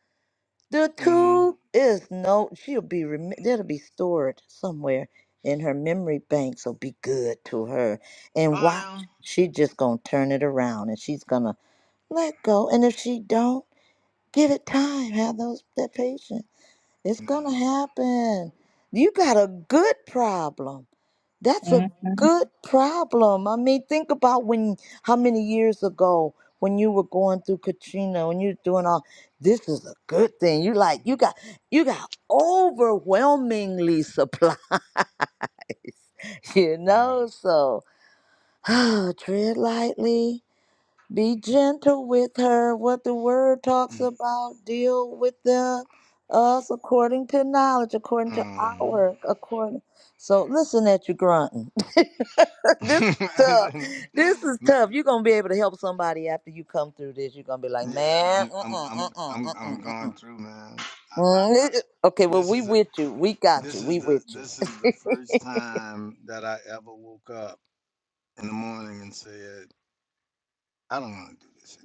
C: the tube is no. She'll be rem- that'll be stored somewhere in her memory bank. So be good to her and watch.
J: Um,
C: She just gonna turn it around, and she's gonna let go. And if she don't. Give it time. Have those that patience. It's
J: no.
C: gonna happen. You got a good problem. That's a
H: Mm-hmm.
C: good problem. I mean, think about when how many years ago when you were going through Katrina, when you're doing all this is a good thing. You like you got you got overwhelmingly supplies, you
J: Mm,
C: know. So tread lightly be gentle with her. What the word talks
J: mm,
C: about, deal with the us according to knowledge, according to
J: mm,
C: our according. So listen at you grunting. this is
J: I
C: tough.
J: said no.
C: This is
J: But
C: tough. You're gonna be able to help somebody after you come through this. You're gonna be like,
J: yeah,
C: man,
J: I'm
C: mm-mm,
J: I'm I'm
C: mm-mm,
J: I'm I'm
C: mm-mm,
J: going
C: mm-mm.
J: through, man. I, I, I
C: Mm, eh, Okay, well,
J: this
C: we
J: is a
C: with you. We got you.
J: this is
C: We
J: the
C: with you.
J: this is the first time that I ever woke up in the morning and said, I don't want to do this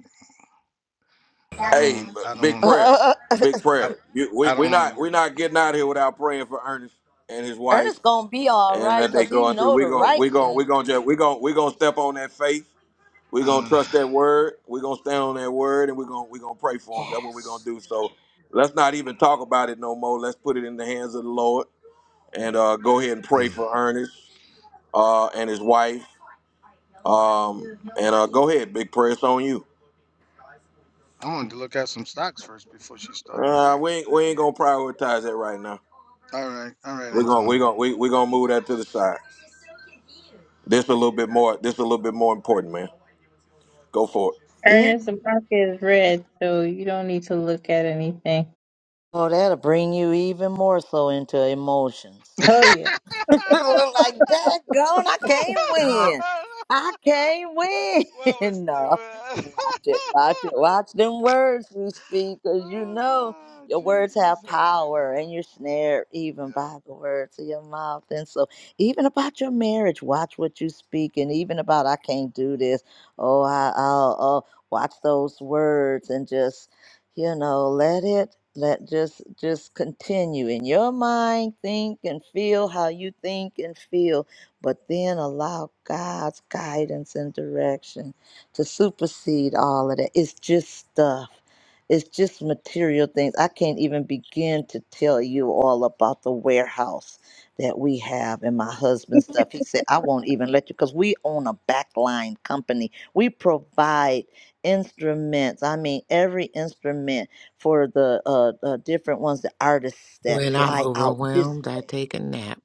J: anymore. I don't
A: Hey,
J: want
A: look,
J: I don't
A: big
J: want to work.
A: prayer, big
J: I
A: prayer. You, we
J: I don't
A: we
J: want to
A: not we
J: work.
A: not getting out of here without praying for Ernest and his wife
C: Ernest gonna be all
A: and
C: right
A: that
J: I,
A: they
C: because he
A: going through.
C: know the
A: We going
C: right
A: we going we
C: thing
A: going
C: to
A: just we
C: do.
A: going we going to step on that faith. We going to
J: uh,
A: trust that word. We going to stand on that word, and we going we going to pray for him. That's what we going to do. So let's not even talk about it no more. Let's put it in the hands of the Lord and uh, go ahead and pray
J: mm.
A: for Ernest uh, and his wife. Um, and uh, go ahead, big prayer. It's on you.
J: I wanted to look at some stocks first before she started
A: Uh,
J: praying.
A: we ain't we ain't gonna prioritize that right now.
J: All right, all right,
A: We're gonna we're
J: Antonio.
A: gonna we we're gonna move that to the side. This a little bit more this a little bit more important, man. Go for it.
C: Yes.
H: Ernest and Parker is red, so you don't need to look at anything.
C: Oh, that'll bring you even more so into emotions.
H: Oh, yeah.
C: like that gone, I can't
D: No,
C: win. I can't
J: What was
C: win.
J: the well,
C: no. Watch it, watch it, watch them words you speak, 'cause you
J: Oh
C: know
J: God,
C: your words have
J: Jesus help me,
C: power and you're snared even
J: Lord.
C: by the words of your mouth. And so, even about your marriage, watch what you speak, and even about I can't do this. Oh, I, I'll, oh, watch those words and just you know let it let just just continue in your mind think and feel how you think and feel but then allow god's guidance and direction to supersede all of that it's just stuff it's just material things i can't even begin to tell you all about the warehouse that we have and my husband's stuff he said i won't even let you because we own a backline company we provide instruments. I mean, every instrument for the uh, uh different ones, the artists that
D: when I'm
C: fly out this.
D: overwhelmed, I take a nap.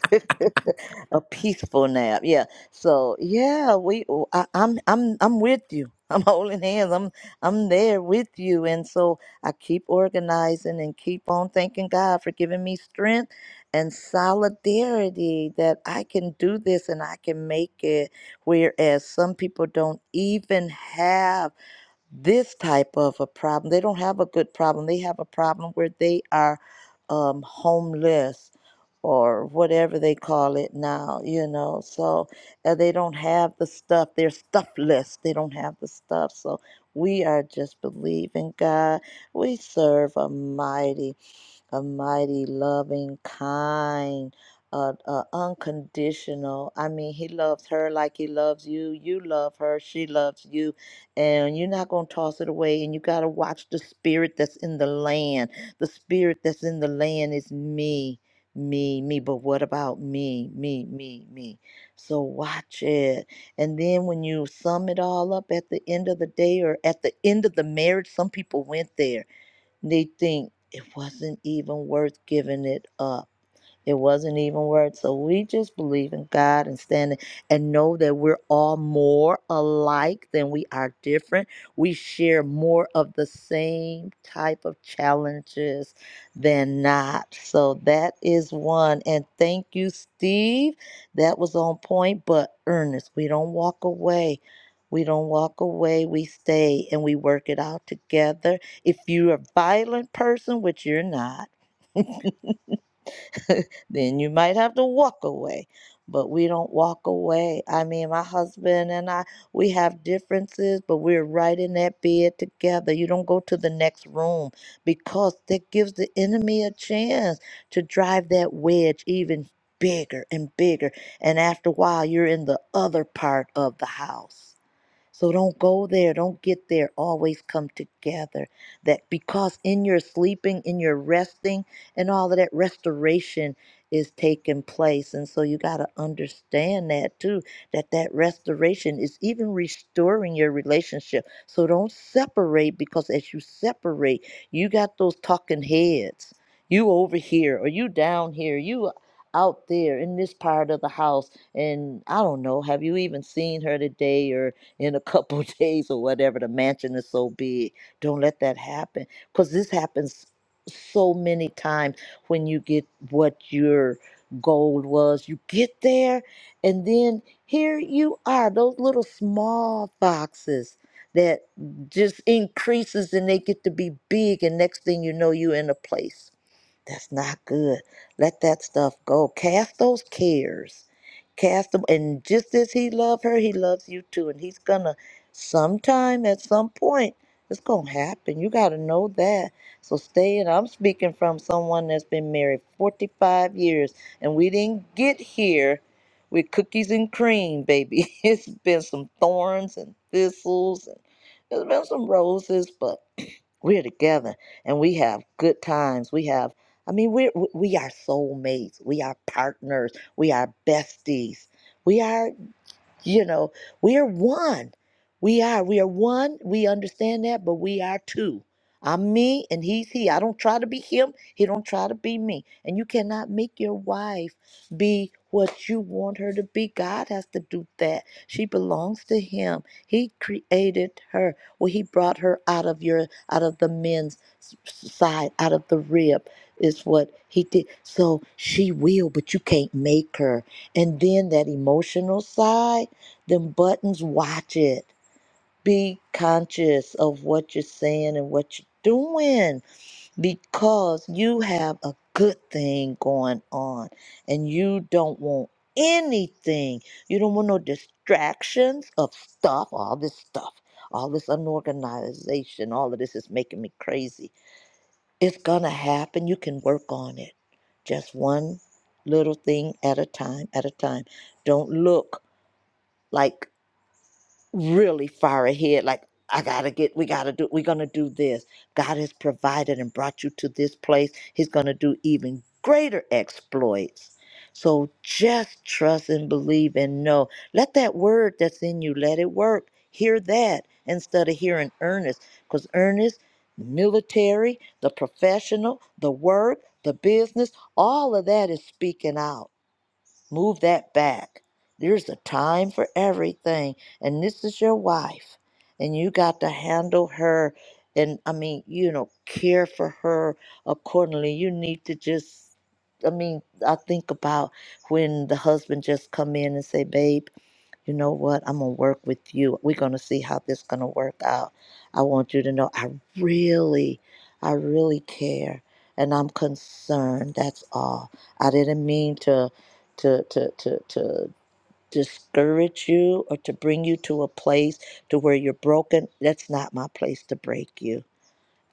C: a peaceful nap, yeah. So yeah, we. oh, I, I'm I'm I'm with you. I'm holding hands. I'm I'm there with you, and so I keep organizing and keep on thanking God for giving me strength and solidarity that I can do this and I can make it. Whereas some people don't even have this type of a problem. They don't have a good problem. They have a problem where they are um, homeless or whatever they call it now, you know. So uh, they don't have the stuff. They're stuffless. They don't have the stuff. So we are just believing God. We serve a mighty a mighty, loving, kind, uh, uh, unconditional. I mean, he loves her like he loves you. You love her. She loves you. And you're not going to toss it away. And you got to watch the spirit that's in the land. The spirit that's in the land is me, me, me. But what about me, me, me, me? So watch it. And then when you sum it all up at the end of the day or at the end of the marriage, some people went there they think it wasn't even worth giving it up. It wasn't even worth. So we just believe in God and stand and know that we're all more alike than we are different. We share more of the same type of challenges than not. So that is one. And thank you, Steve. That was on point, but earnest. We don't walk away. We don't walk away. We stay and we work it out together. If you're a violent person, which you're not, then you might have to walk away. But we don't walk away. I mean, my husband and I, we have differences, but we're right in that bed together. You don't go to the next room because that gives the enemy a chance to drive that wedge even bigger and bigger. And after a while, you're in the other part of the house. So don't go there, don't get there. Always come together. That because in your sleeping, in your resting, and all of that, restoration is taking place. And so you got to understand that too, that that restoration is even restoring your relationship. So don't separate because as you separate, you got those talking heads. You over here, or you down here, you out there in this part of the house. And I don't know, have you even seen her today or? in a couple days or whatever. The mansion is so big. Don't let that happen because this happens so many times when you get what your goal was. You get there, and then here you are, those little small boxes that just increases and they get to be big and next thing you know you're in a place that's not good. Let that stuff go. Cast those cares. Cast them. And just as he loved her, he loves you too. And he's going to, sometime at some point, it's going to happen. You got to know that. So stay in. I'm speaking from someone that's been married 45 years, and we didn't get here with cookies and cream, baby. It's been some thorns and thistles, and there's been some roses, but. We're together and we have good times. We have, I mean, we're, we we are soulmates. We are partners. We are besties. We are you know, we are one. We are. We are one. We understand that, but we are two. I'm me and he's he. I don't try to be him. He don't try to be me. And you cannot make your wife be what you want her to be. God has to do that. She belongs to him. He created her. Well, he brought her out of your out of the men's s- s- side, out of the rib is what he did. So she will, but you can't make her. And then that emotional side. Them buttons, watch it. Be conscious of what you're saying and what you're doing because you have a good thing going on and you don't want anything. You don't want no distractions of stuff, all this stuff, all this unorganization, all of this is making me crazy. It's gonna happen. You can work on it. Just one little thing at a time, at a time. Don't look like really far ahead like i gotta get we gotta do we're gonna do this god has provided and brought you to this place he's gonna do even greater exploits so just trust and believe and know let that word that's in you let it work hear that instead of hearing earnest because earnest military the professional the work the business all of that is speaking out Move that back. There's a time for everything. And this is your wife. And you got to handle her and, I mean, you know, care for her accordingly. You need to just, I mean, I think about when the husband just come in and say, babe, you know what i'm gonna work with you we're gonna see how this gonna work out i want you to know i really i really care and i'm concerned that's all i didn't mean to to to to, to discourage you or to bring you to a place to where you're broken that's not my place to break you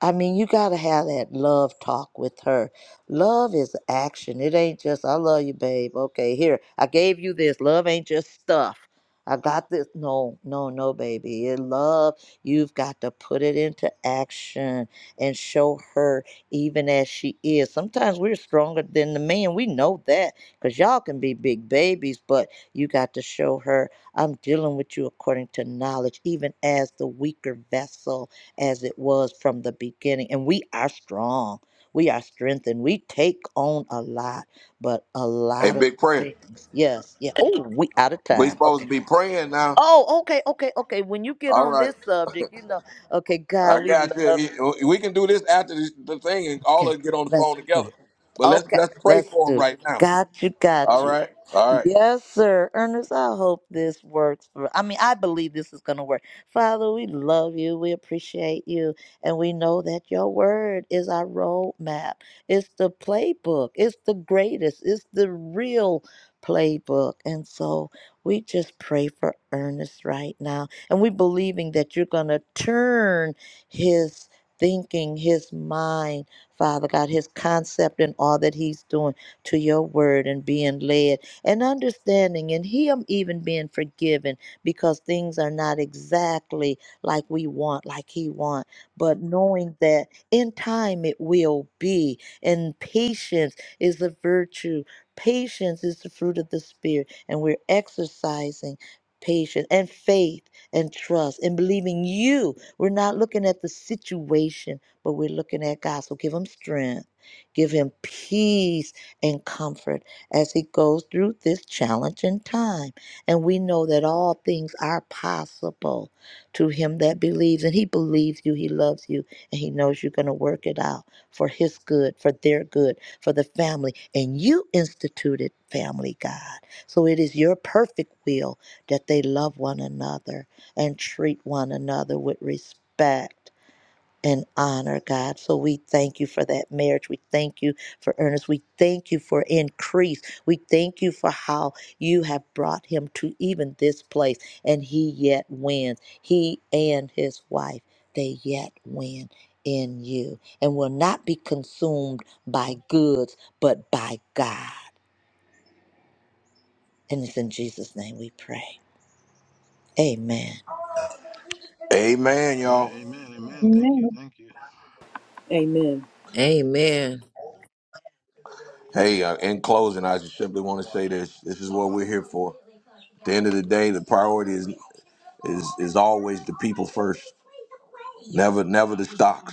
C: I mean, you got to have that love talk with her. Love is action. It ain't just, I love you, babe. Okay, here, I gave you this. Love ain't just stuff. I got this. No, no, no, baby. It love, you've got to put it into action and show her even as she is. Sometimes we're stronger than the man. We know that because y'all can be big babies, but you got to show her, I'm dealing with you according to knowledge, even as the weaker vessel as it was from the beginning. And we are strong. We are strengthened. We take on a lot, but a
A: Hey,
C: lot of
A: big prayer.
C: things. Yes, yeah. Oh, we out of
A: We
C: time.
A: supposed
C: Okay.
A: to be praying now.
C: Oh, okay, okay, okay. When you get
A: All
C: on
A: right.
C: this subject, you know. Okay, God,
A: I
C: we
A: got
C: love you.
A: you. We can do this after the the thing and all
C: Okay,
A: of us get on the phone
C: let's pray.
A: together. But let's
C: Okay,
A: let's pray
C: let's
A: for him
C: do.
A: right now.
C: Got you,
A: All
C: got you.
A: right. All right.
C: Yes, sir. Ernest, I hope this works for I mean, I believe this is gonna work. Father, we love you, we appreciate you, and we know that your word is our roadmap. It's the playbook, it's the greatest, it's the real playbook. And so we just pray for Ernest right now. And we believing that you're gonna turn his thinking, his mind Father God, his concept and all that he's doing to your word and being led and understanding and him even being forgiven because things are not exactly like we want, like he want, but knowing that in time it will be. And patience is a virtue. Patience is the fruit of the spirit. And we're exercising patience and faith and trust and believing you. We're not looking at the situation but we're looking at God. So give him strength, give him peace and comfort as he goes through this challenging time. And we know that all things are possible to him that believes. And he believes you, he loves you, and he knows you're going to work it out for his good, for their good, for the family. And you instituted family, God. So it is your perfect will that they love one another and treat one another with respect and honor, God. So we thank you for that marriage. We thank you for Ernest. We thank you for increase. We thank you for how you have brought him to even this place and he yet wins. He and his wife, they yet win in you and will not be consumed by goods, but by God. And it's in Jesus' name we pray. Amen.
A: Amen,
J: Yeah. A-
A: y'all.
J: Amen. Amen. Thank you. Thank you.
B: Amen.
D: Amen.
A: Hey, uh, in closing, I just simply want to say this. This is what we're here for. At the end of the day, the priority is is is always the people first. Never never the stocks.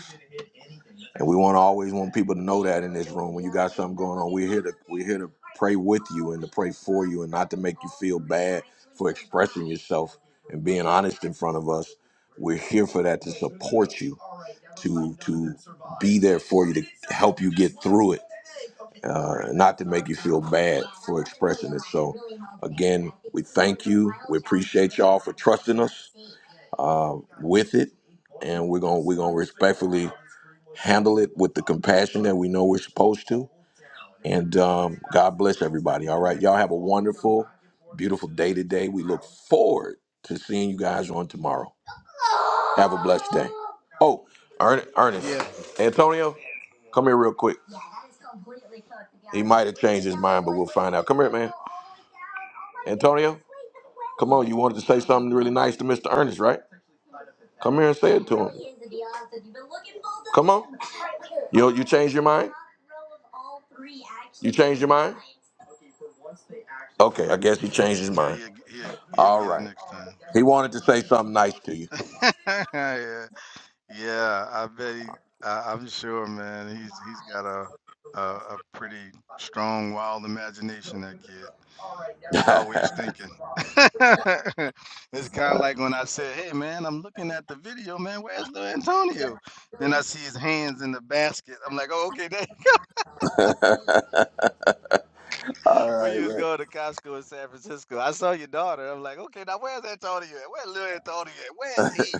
A: And we want to always want people to know that in this room, when you got something going on, we're here to we're here to pray with you and to pray for you, and not to make you feel bad for expressing yourself and being honest in front of us. We're here for that to support you, to to be there for you, to help you get through it, uh, not to make you feel bad for expressing it. So, again, we thank you. We appreciate y'all for trusting us uh, with it, and we're gonna we're gonna respectfully handle it with the compassion that we know we're supposed to. And um, God bless everybody. All right, y'all have a wonderful, beautiful day today. We look forward to seeing you guys on tomorrow. Have a blessed day. Oh, Ern- Ernest,
J: Yeah.
A: Antonio, come here real quick. He might have changed his mind, but we'll find out. Come here, man. Antonio, come on. You wanted to say something really nice to Mr. Ernest, right? Come here and say it to him. Come on. You you change your mind? You change your mind? Okay, I guess he changed his
J: Yeah.
A: mind.
J: He'll he'll, he'll
A: All
J: get it
A: right.
J: next time.
A: He wanted to say something nice to you.
J: yeah. Yeah. I bet he. I, I'm sure, man. He's he's got a a, a pretty strong, wild imagination. That kid. He's always thinking. it's kind of like when I said, "Hey, man, I'm looking at the video, man. Where's Lil Antonio?" Then I see his hands in the basket. I'm like, "Oh, okay. There,
A: All
J: where
A: right,
J: you was
A: man.
J: going to Costco in San Francisco? I saw your daughter. I'm like, okay, now where's Antonio? at? Where's Lil Antonio? at? Where's he?"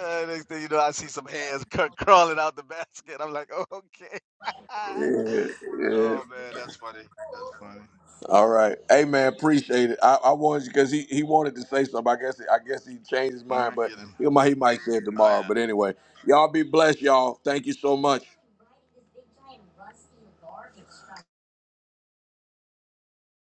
J: Uh, next thing you know, I see some hands cr- crawling out the basket. I'm like, "Oh, okay."
A: Yeah, yeah.
J: oh man, that's funny. That's funny.
A: All right. Hey man, appreciate it. I, I wanted you because he, he wanted to say something. I guess I guess he changed his
J: I'm
A: mind,
J: gonna
A: but
J: get him.
A: he might he might say it
J: Oh
A: tomorrow.
J: yeah.
A: But anyway, y'all be blessed, y'all. Thank you so much.